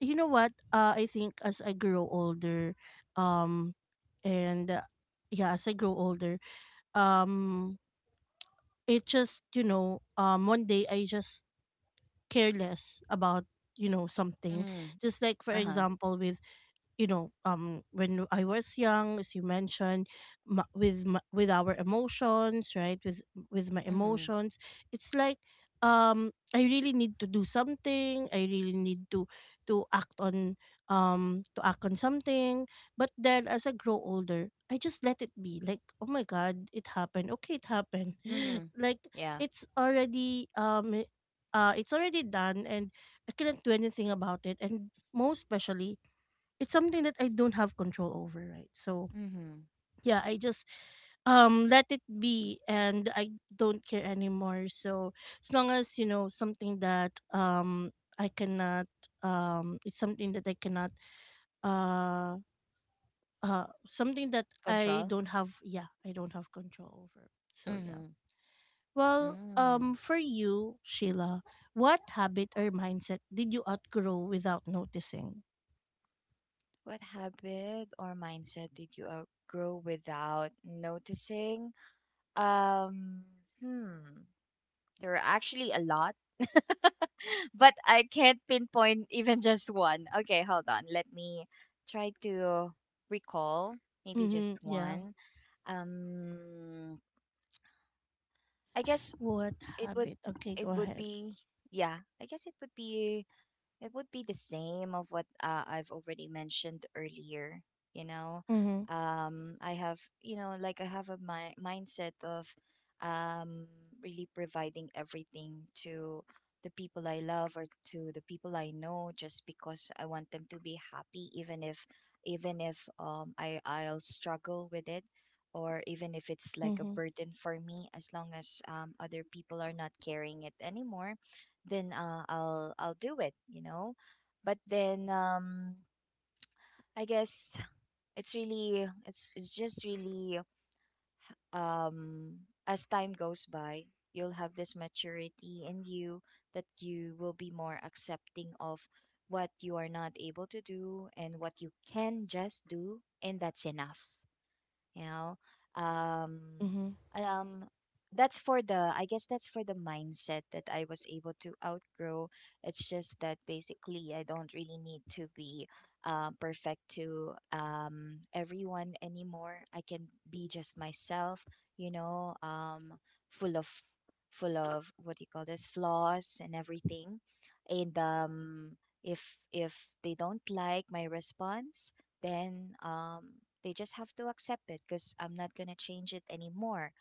Speaker 1: you know what, I think, as I grow older, um and yeah, as I grow older, um it just, you know, one day I just care less about, you know, something.
Speaker 2: Mm-hmm.
Speaker 1: Just like for
Speaker 2: Uh-huh.
Speaker 1: example with, you know, when I was young, as you mentioned, m with with our emotions, right, with my
Speaker 2: Mm-hmm.
Speaker 1: emotions. It's like, I really need to do something, I really need to act on, to act on something. But then as I grow older I just let it be, like, oh my god, it happened, okay, it happened.
Speaker 2: Mm-hmm.
Speaker 1: Like,
Speaker 2: Yeah.
Speaker 1: it's already it's already done, and I cannot do anything about it. And most especially, it's something that I don't have control over, right? So
Speaker 2: Mm-hmm.
Speaker 1: yeah, I just let it be and I don't care anymore. So as long as, you know, something that I cannot it's something that I cannot uh something that I
Speaker 2: Control.
Speaker 1: don't have, yeah, I don't have control over. So yeah.
Speaker 2: Mm-hmm.
Speaker 1: Well,
Speaker 2: Mm.
Speaker 1: for you, Sheila, what habit or mindset did you outgrow without noticing?
Speaker 2: What habit or mindset did you outgrow without noticing? Um, hmm, there are actually a lot, but I can't pinpoint even just one. Okay, hold on. Let me try to recall maybe
Speaker 1: Mm-hmm.
Speaker 2: just
Speaker 1: Yeah.
Speaker 2: one. Um, I guess
Speaker 1: What
Speaker 2: it would
Speaker 1: habit? Okay, go
Speaker 2: it would
Speaker 1: ahead.
Speaker 2: be yeah, it would be the same of what I've already mentioned earlier, you know.
Speaker 1: Mm-hmm.
Speaker 2: I have, you know, like I have a mindset of um, really providing everything to the people I love, or to the people I know, just because I want them to be happy, even if I'll struggle with it, or even if it's like a
Speaker 1: Mm-hmm.
Speaker 2: burden for me, as long as other people are not carrying it anymore, then I'll do it, you know. But then I guess it's just really as time goes by, you'll have this maturity in you that you will be more accepting of what you are not able to do and what you can just do, and that's enough, you know. um
Speaker 1: Mm-hmm.
Speaker 2: um that's for the I guess that's for the mindset that I was able to outgrow. It's just that basically I don't really need to be perfect to everyone anymore. I can be just myself, you know, full of full of, what do you call this, flaws and everything. And if they don't like my response, then they just have to accept it, because I'm not gonna change it anymore.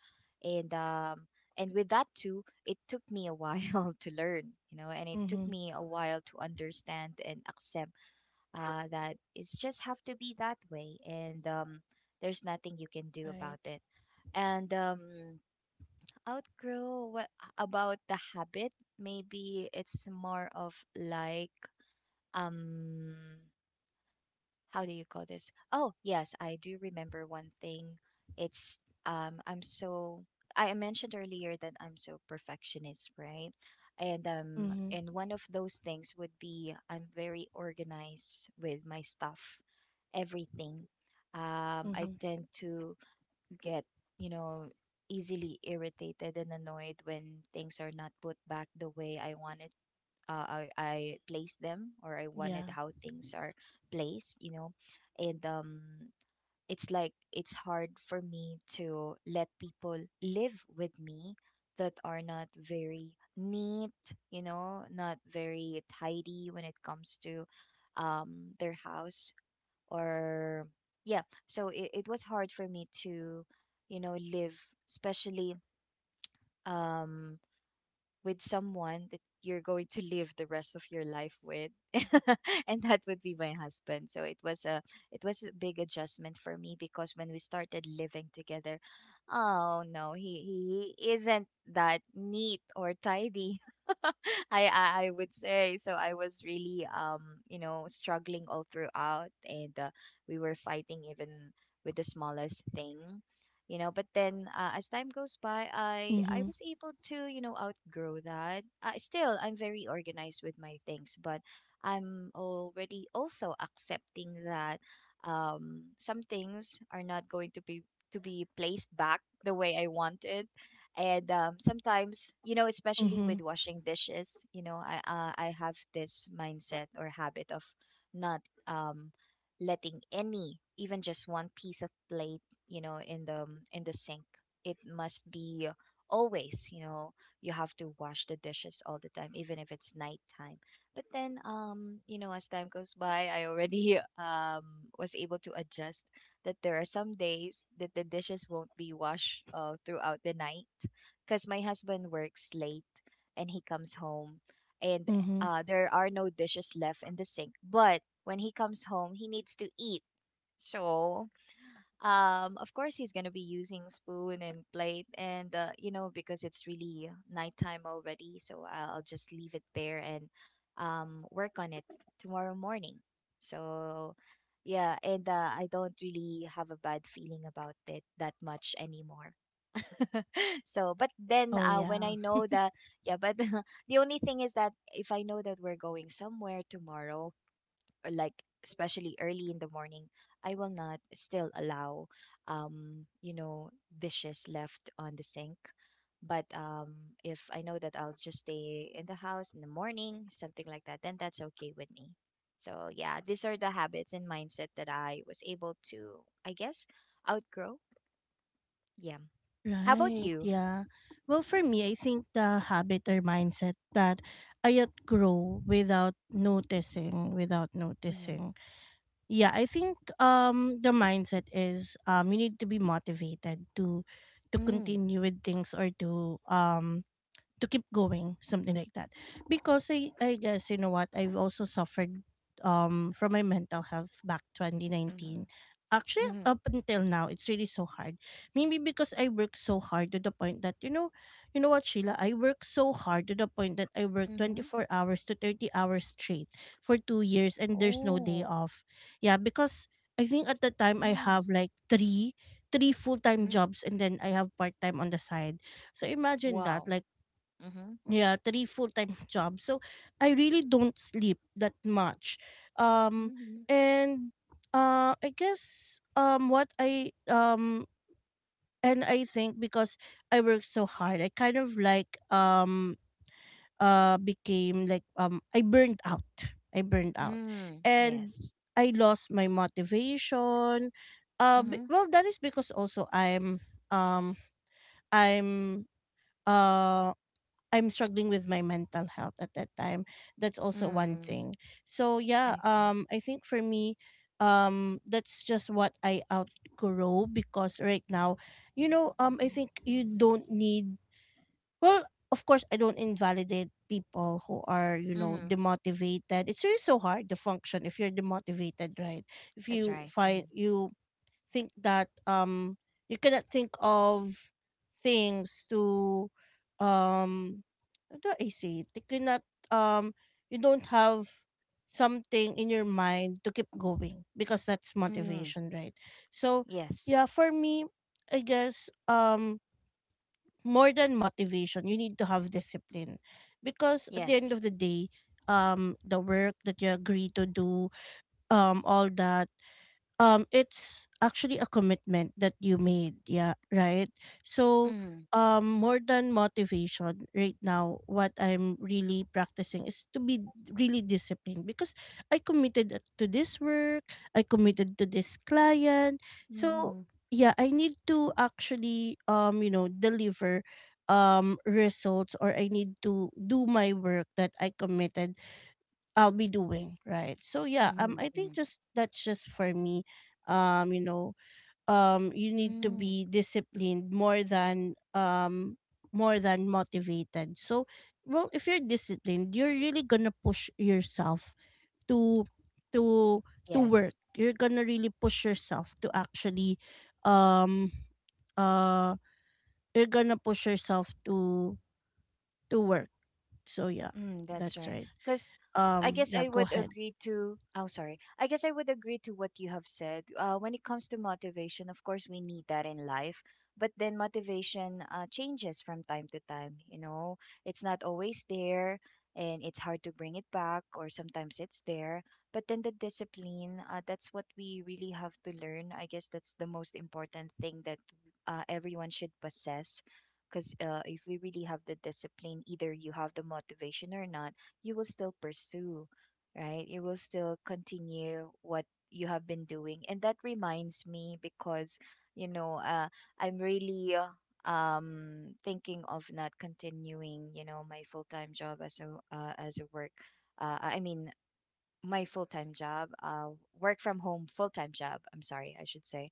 Speaker 2: And um, and with that too, it took me a while to learn, you know, and it took
Speaker 1: Mm-hmm.
Speaker 2: me a while to understand and accept that it's just have to be that way, and there's nothing you can do
Speaker 1: Right.
Speaker 2: about it. And outgrow what about the habit? Maybe it's more of like um how do you call this? Oh, yes, I do remember one thing. It's um I'm so I mentioned earlier that I'm so perfectionist, right? And
Speaker 1: Mm-hmm.
Speaker 2: one of those things would be I'm very organized with my stuff, everything. I
Speaker 1: Mm-hmm.
Speaker 2: tend to get, you know, easily irritated and annoyed when things are not put back the way I wanted, I placed them, or I wanted
Speaker 1: Yeah.
Speaker 2: how things are placed, you know. And it's like it's hard for me to let people live with me that are not very neat, you know, not very tidy when it comes to their house, or yeah. So it was hard for me to, you know, live, especially um with someone that you're going to live the rest of your life with, and that would be my husband. So it was a big adjustment for me because when we started living together, oh no, he isn't that neat or tidy. I would say so. I was really struggling all throughout, and we were fighting even with the smallest thing, but then as time goes by I
Speaker 1: Mm-hmm.
Speaker 2: was able to outgrow that. Uh, still I'm very organized with my things, but I'm already also accepting that some things are not going to be placed back the way I want it. And sometimes, especially
Speaker 1: Mm-hmm.
Speaker 2: with washing dishes, I I have this mindset or habit of not um letting any even just one piece of plate, in the sink. It must be always, you have to wash the dishes all the time even if it's nighttime. But then as time goes by I already was able to adjust that there are some days that the dishes won't be washed throughout the night because my husband works late and he comes home and
Speaker 1: Mm-hmm.
Speaker 2: there are no dishes left in the sink. But when he comes home he needs to eat, so of course he's going to be using spoon and plate, and because it's really nighttime already, so I'll just leave it there and work on it tomorrow morning. So yeah, and I don't really have a bad feeling about it that much anymore. So but then
Speaker 1: Oh,
Speaker 2: when
Speaker 1: yeah.
Speaker 2: I know that yeah, but the only thing is that if I know that we're going somewhere tomorrow, or like especially early in the morning, I will not still allow, um, you know, dishes left on the sink. But if I know that I'll just stay in the house in the morning, something like that, then that's okay with me. So yeah, these are the habits and mindset that I was able to, I guess, outgrow. Yeah. How about
Speaker 1: Right,
Speaker 2: you?
Speaker 1: yeah. Well, for me, I think the habit or mindset that I outgrow without noticing, without
Speaker 2: Mm-hmm.
Speaker 1: noticing. Yeah, I think the mindset is, you need to be motivated to
Speaker 2: Mm,
Speaker 1: continue with things, or to keep going, something like that. Because I guess, you know what, I've also suffered from my mental health back 2019,
Speaker 2: mm-hmm.
Speaker 1: actually
Speaker 2: Mm-hmm.
Speaker 1: up until now it's really so hard. Maybe because I work so hard to the point that, you know, you know what, Sheila, I work so hard to the point that I work
Speaker 2: Mm-hmm.
Speaker 1: 24 hours to 30 hours straight for 2 years, and there's no day
Speaker 2: Oh.
Speaker 1: off. Yeah, because I think at the time I
Speaker 2: Mm.
Speaker 1: have like three full-time
Speaker 2: Mm-hmm.
Speaker 1: jobs, and then I have part-time on the side. So imagine that,
Speaker 2: Wow.
Speaker 1: like, yeah, three full-time jobs. So I really don't sleep that much. um
Speaker 2: Mm-hmm.
Speaker 1: and I guess, what I and I think because I work so hard, I kind of like became like, I burned out, I burned out.
Speaker 2: Mm,
Speaker 1: And
Speaker 2: yes.
Speaker 1: I lost my motivation.
Speaker 2: Mm-hmm.
Speaker 1: Well, that is because also I'm um i'm uh I'm struggling with my mental health at that time. That's also one
Speaker 2: Mm,
Speaker 1: thing. So yeah,
Speaker 2: I see.
Speaker 1: I think for me, that's just what I outgrow. Because right now, you know, I think you don't need, well, of course, I don't invalidate people who are, you know,
Speaker 2: Mm,
Speaker 1: demotivated. It's really so hard to function if you're demotivated, right? If
Speaker 2: that's
Speaker 1: you
Speaker 2: right. Mm-hmm.
Speaker 1: find you think that you cannot think of things to um how do I say it? You cannot um you don't have something in your mind to keep going, because that's
Speaker 2: Mm,
Speaker 1: motivation, right? So
Speaker 2: yes.
Speaker 1: yeah, for me, I guess more than motivation, you need to have discipline. Because at the end
Speaker 2: Yes.
Speaker 1: of the day, the work that you agree to do, all that it's actually a commitment that you made, yeah, right? So
Speaker 2: Mm,
Speaker 1: more than motivation, right now what I'm really practicing is to be really disciplined. Because I committed to this work, I committed to this client. So
Speaker 2: mm-hmm.
Speaker 1: yeah, I need to actually you know, deliver results, or I need to do my work that I committed I'll be doing, right? So yeah,
Speaker 2: Mm-hmm.
Speaker 1: I think,
Speaker 2: Mm-hmm.
Speaker 1: just, that's just for me. You know, you need to
Speaker 2: Mm,
Speaker 1: be disciplined more than motivated. So, well, if you're disciplined, you're really gonna push yourself to to
Speaker 2: yes.
Speaker 1: work. You're gonna really push yourself to actually um uh you're gonna push yourself to work. So yeah,
Speaker 2: Mm, that's
Speaker 1: that's
Speaker 2: right.
Speaker 1: right.
Speaker 2: Because I guess
Speaker 1: Yeah,
Speaker 2: I
Speaker 1: go
Speaker 2: would
Speaker 1: ahead.
Speaker 2: agree to. Oh, sorry. I guess I would agree to what you have said. When it comes to motivation, of course, we need that in life. But then motivation changes from time to time. It's not always there, and it's hard to bring it back. Or sometimes it's there, but then the discipline. That's what we really have to learn. I guess that's the most important thing that everyone should possess, because if we really have the discipline, either you have the motivation or not, you will still pursue, right? You will still continue what you have been doing. And that reminds me because, you know, uh, I'm really thinking of not continuing, my full-time job as a work I mean my full-time job work from home full-time job, I'm sorry, I should say,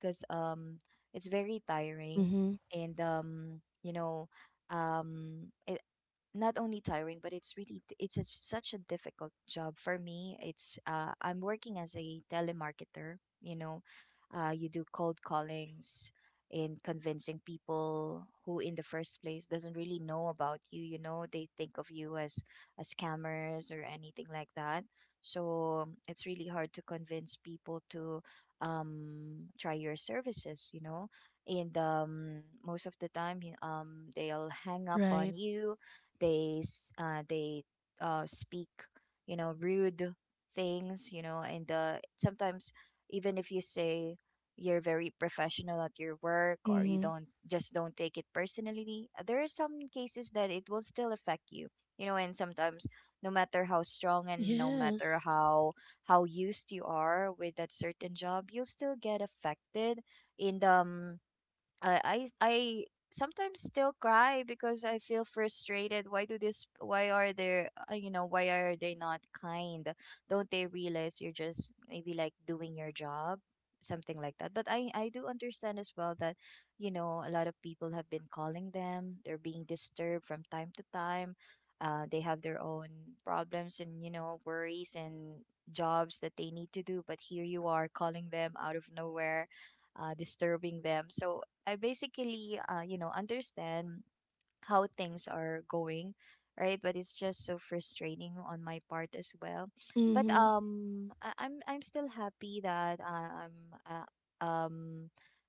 Speaker 2: because it's very tiring,
Speaker 1: Mm-hmm.
Speaker 2: and it, not only tiring, but it's really it's a, such a difficult job for me. It's I'm working as a telemarketer, you know you do cold callings in convincing people who in the first place doesn't really know about you. You know, they think of you as scammers or anything like that. So it's really hard to convince people to try your services, and most of the time they'll hang up on
Speaker 1: Right.
Speaker 2: you. They speak, rude things, and sometimes, even if you say you're very professional at your work or you
Speaker 1: Mhm.
Speaker 2: don't just don't take it personally, there are some cases that it will still affect you. You know and sometimes, no matter how strong and no matter
Speaker 1: Yes.
Speaker 2: how used you are with that certain job, you'll still get affected in the I sometimes still cry because I feel frustrated. Why do this? Why are there? You know, why are they not kind? Don't they realize you're just maybe like doing your job, something like that? But I do understand as well that, a lot of people have been calling them. They're being disturbed from time to time. They have their own problems, and worries, and jobs that they need to do. But here you are calling them out of nowhere, disturbing them. So I basically, understand how things are going, right? But it's just so frustrating on my part as well. But
Speaker 1: Mhm.
Speaker 2: I'm still happy that uh, um,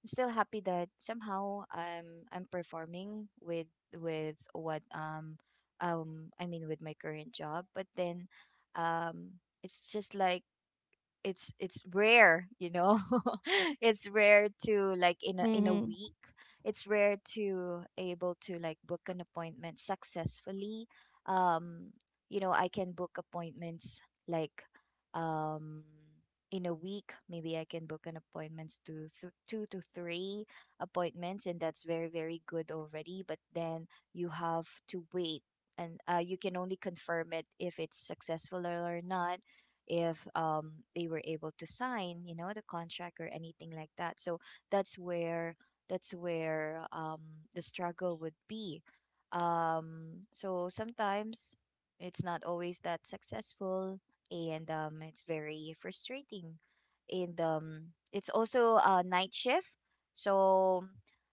Speaker 2: I'm still happy that somehow I'm performing with what I mean with my current job. But then, it's just like it's rare, it's rare to like in a
Speaker 1: Mhm.
Speaker 2: week, it's rare to able to like book an appointment successfully. um I can book appointments like, um in a week maybe I can book an appointments to two to three appointments, and that's very very good already. But then you have to wait, and you can only confirm it if it's successful or not, if they were able to sign, the contract or anything like that. So that's where that's where um, the struggle would be. So sometimes it's not always that successful, and it's very frustrating. And it's also a night shift, so,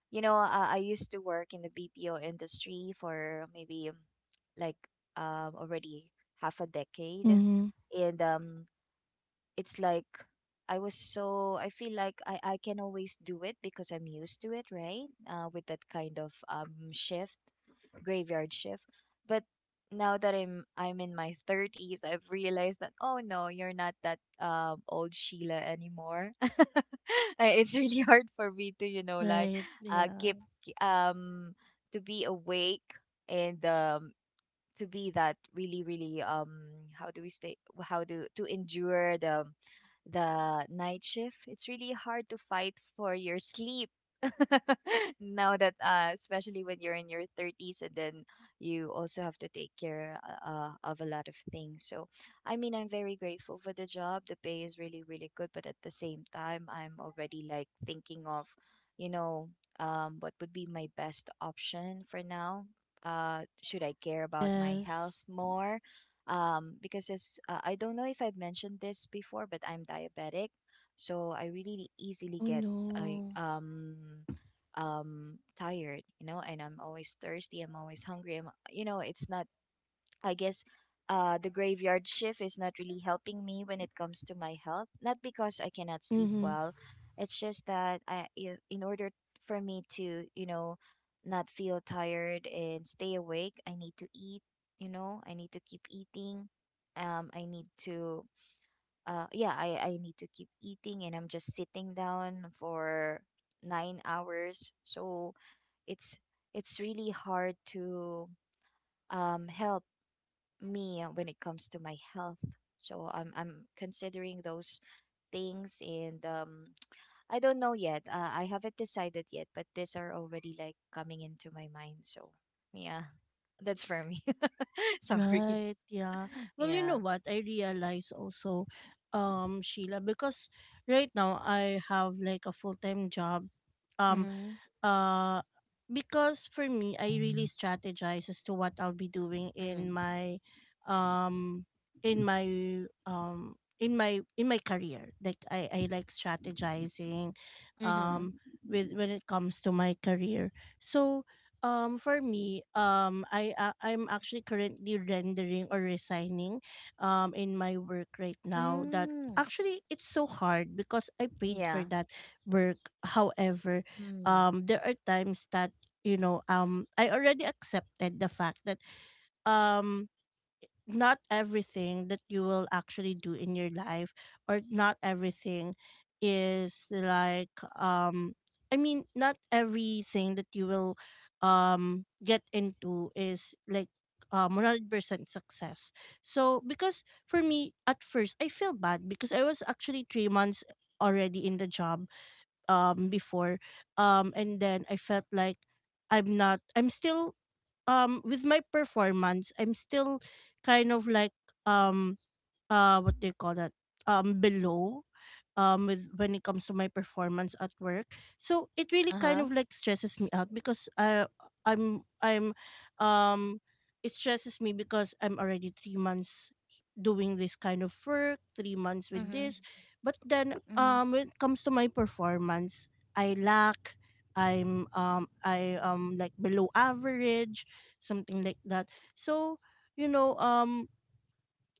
Speaker 2: I used to work in the BPO industry for maybe like already half a decade,
Speaker 1: Mhm.
Speaker 2: and it's like I was so I feel like I can always do it because I'm used to it, right? With that kind of shift, graveyard shift. But now that I'm in my thirties, I've realized that oh no, you're not that old Sheila anymore. It's really hard for me to, like
Speaker 1: Right. Yeah.
Speaker 2: keep um to be awake, and to be that really really how do to endure the night shift. It's really hard to fight for your sleep now that especially when you're in your 30s, and then you also have to take care of a lot of things. So I mean, I'm very grateful for the job, the pay is really really good, but at the same time I'm already like thinking of, you know what would be my best option for now. Should I care about my health
Speaker 1: Yes.
Speaker 2: more? Because as I don't know if I've mentioned this before, but I'm diabetic, so I really easily
Speaker 1: Oh
Speaker 2: get I
Speaker 1: no.
Speaker 2: tired, you know, and I'm always thirsty, I'm always hungry. It's not, I guess the graveyard shift is not really helping me when it comes to my health. Not because I cannot sleep
Speaker 1: Mhm.
Speaker 2: well, it's just that in order for me to, you know, not feel tired and stay awake, I need to eat, you know, I need to keep eating. I need to, yeah, I need to keep eating, and I'm just sitting down for 9 hours. So it's, it's really hard to help me when it comes to my health. So I'm considering those things, and I don't know yet. I haven't decided yet, but these are already like coming into my mind. So yeah, that's for me. Sorry.
Speaker 1: Right. Yeah. Well, you know
Speaker 2: Yeah.
Speaker 1: what? I realize also, Sheila, because right now I have like a full time job. um.
Speaker 2: Mhm.
Speaker 1: Uh, because for me, I really strategize as to what I'll be doing
Speaker 2: Mhm.
Speaker 1: in my, um, in my um in my career. Like I like strategizing,
Speaker 2: Mhm.
Speaker 1: um, with when it comes to my career. So. For me, I'm actually currently rendering or resigning, in my work right now. That
Speaker 2: Mm.
Speaker 1: actually it's so hard because I paid for
Speaker 2: Yeah.
Speaker 1: that work. However,
Speaker 2: Mm.
Speaker 1: there are times that I already accepted the fact that um not everything that you will actually do in your life or not everything is like I mean not everything that you will get into is like 100% success. So because for me at first I feel bad because I was actually 3 months already in the job before and then I felt like I'm not I'm still with my performance I'm still kind of like um what do you call that, below, with when it comes to my performance at work. So it really
Speaker 2: Uh
Speaker 1: kind
Speaker 2: huh.
Speaker 1: of like stresses me out because I'm um it stresses me because I'm already 3 months doing this kind of work, 3 months with
Speaker 2: Mhm.
Speaker 1: this. But then
Speaker 2: Mhm.
Speaker 1: when it comes to my performance I lack. I'm um i um like below average, something like that. So, you know,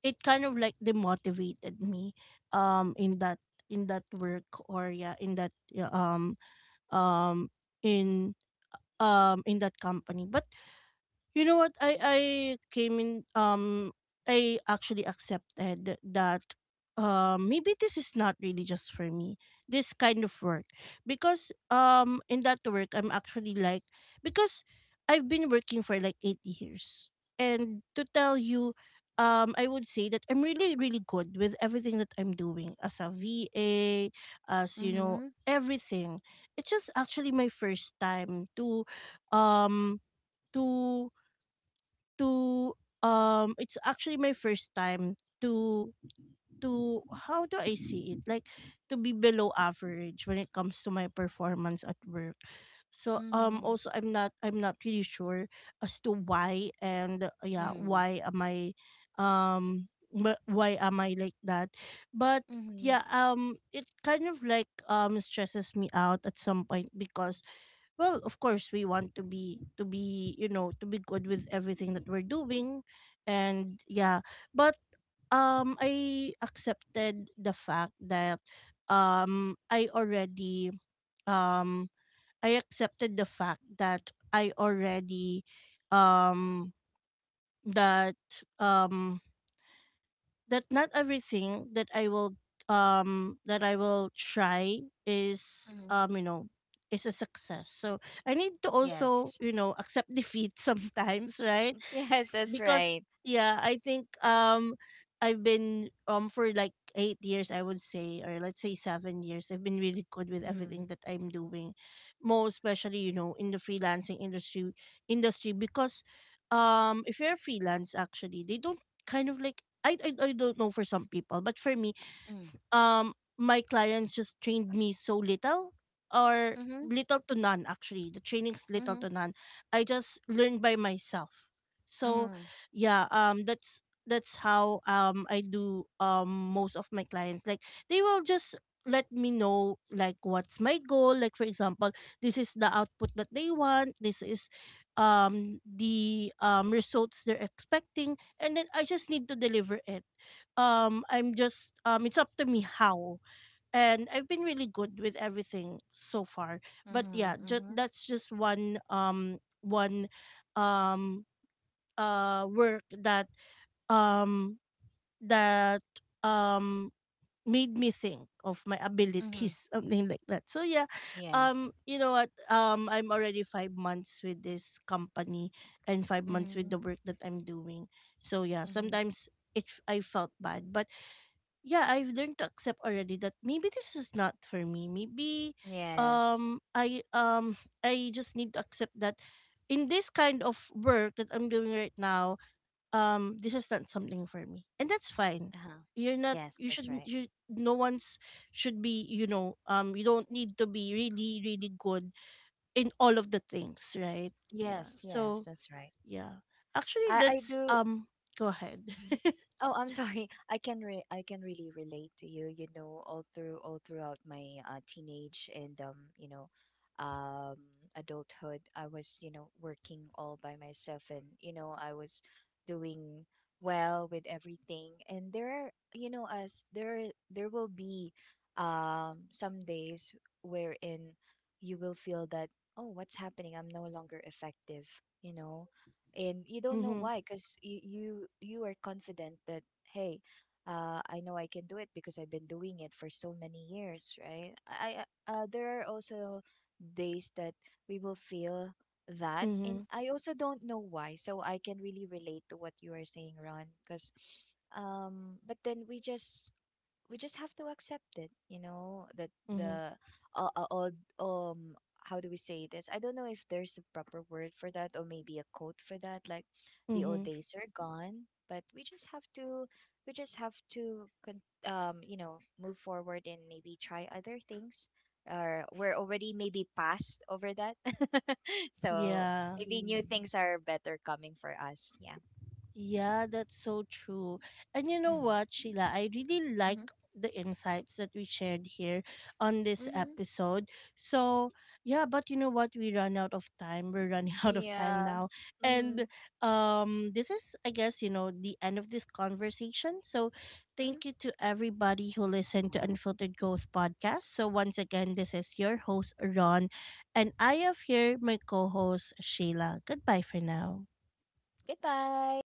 Speaker 1: it kind of like demotivated me in that, in that work, or yeah, in that, yeah, um in, in that company. But you know what? I came in, I actually accepted that maybe this is not really just for me. This kind of work, because in that work I'm actually like, because I've been working for like 8 years. And to tell you, I would say that I'm really really good with everything that I'm doing as a VA, as you know,
Speaker 2: Mhm.
Speaker 1: everything. It's just actually my first time to um to to it's actually my first time to how do I see it, like to be below average when it comes to my performance at work. So
Speaker 2: Mhm.
Speaker 1: also I'm not really sure as to why. And yeah,
Speaker 2: Mhm.
Speaker 1: why am I, um why am I like that? But
Speaker 2: Mhm.
Speaker 1: yeah, it kind of like stresses me out at some point, because well, of course we want to be, to be good with everything that we're doing. And yeah, but I accepted the fact that um i already um I accepted the fact that I already, um that um that not everything that I will, that I will try is,
Speaker 2: Mhm.
Speaker 1: you know, is a success. So I need to also,
Speaker 2: Yes.
Speaker 1: you know, accept defeat sometimes, right?
Speaker 2: Yes, that's
Speaker 1: Because
Speaker 2: right.
Speaker 1: yeah, I think I've been, for like 8 years I would say, or let's say 7 years I've been really good with
Speaker 2: Mm.
Speaker 1: everything that I'm doing. Most especially, you know, in the freelancing industry, because if you're freelance, actually they don't kind of like, I don't know for some people but for me,
Speaker 2: Mm.
Speaker 1: um my clients just trained me so little, or
Speaker 2: Mhm.
Speaker 1: little to none. Actually the training's little
Speaker 2: Mhm.
Speaker 1: to none. I just learned by myself. So
Speaker 2: Mhm.
Speaker 1: yeah, that's how I do, most of my clients, like they will just let me know like what's my goal. Like for example, this is the output that they want, this is the results they're expecting, and then I just need to deliver it. I'm just, it's up to me how. And I've been really good with everything so far. But yeah,
Speaker 2: Mhm. Mhm.
Speaker 1: that's just one, one um work that um that um made me think of my
Speaker 2: Mhm.
Speaker 1: abilities something like that. So yeah,
Speaker 2: Yes.
Speaker 1: you know what, I'm already 5 months with this company, and 5 months with
Speaker 2: Mhm.
Speaker 1: the work that I'm doing. So yeah,
Speaker 2: Mhm.
Speaker 1: sometimes it I felt bad, but yeah, I've learned to accept already that maybe this is not for me. Maybe
Speaker 2: Yes.
Speaker 1: I I just need to accept that in this kind of work that I'm doing right now, this is not something for me. And that's fine.
Speaker 2: Uh-huh. Yes,
Speaker 1: You
Speaker 2: that's
Speaker 1: shouldn't,
Speaker 2: right.
Speaker 1: you no one's should be, you know, you don't need to be really really good in all of the things, right? Yeah.
Speaker 2: Yes, yes,
Speaker 1: So,
Speaker 2: that's right.
Speaker 1: yeah. Actually
Speaker 2: I
Speaker 1: that's
Speaker 2: do
Speaker 1: go ahead.
Speaker 2: Mhm. Oh, I'm sorry. I can really relate to you, you know, all through all throughout my teenage and, um adulthood. I was, you know, working all by myself, and, you know, I was doing well with everything. And there are, you know, as there there will be some days wherein you will feel that, oh, what's happening? I'm no longer effective, you know and you don't know
Speaker 1: Mhm.
Speaker 2: why because you you are confident that hey, I know I can do it because I've been doing it for so many years, right? There are also days that we will feel that, and
Speaker 1: Mhm.
Speaker 2: I also don't know why. So I can really relate to what you are saying, Ron, because but then we just have to accept it, you know, that
Speaker 1: Mhm.
Speaker 2: the all um how do we say this? I don't know if there's a proper word for that or maybe a quote for that. Like the old
Speaker 1: Mhm.
Speaker 2: days are gone, but we just have to you know, move forward and maybe try other things. Or we're already maybe past over that, so
Speaker 1: Yeah.
Speaker 2: maybe new Mm. things are better coming for us. Yeah.
Speaker 1: Yeah, that's so true. And you know
Speaker 2: Mm-hmm.
Speaker 1: what, Sheila? I really like the insights that we shared here on this
Speaker 2: Mm-hmm.
Speaker 1: episode. So, yeah, but you know what? We run out of time. We're running out of time
Speaker 2: Yeah.
Speaker 1: now.
Speaker 2: Mm-hmm.
Speaker 1: And this is, I guess, you know, the end of this conversation. So, thank you to everybody who listened to Unfiltered Growth podcast. So, once again, this is your host Ron, and I have here my co-host Sheila. Goodbye for now.
Speaker 2: Goodbye.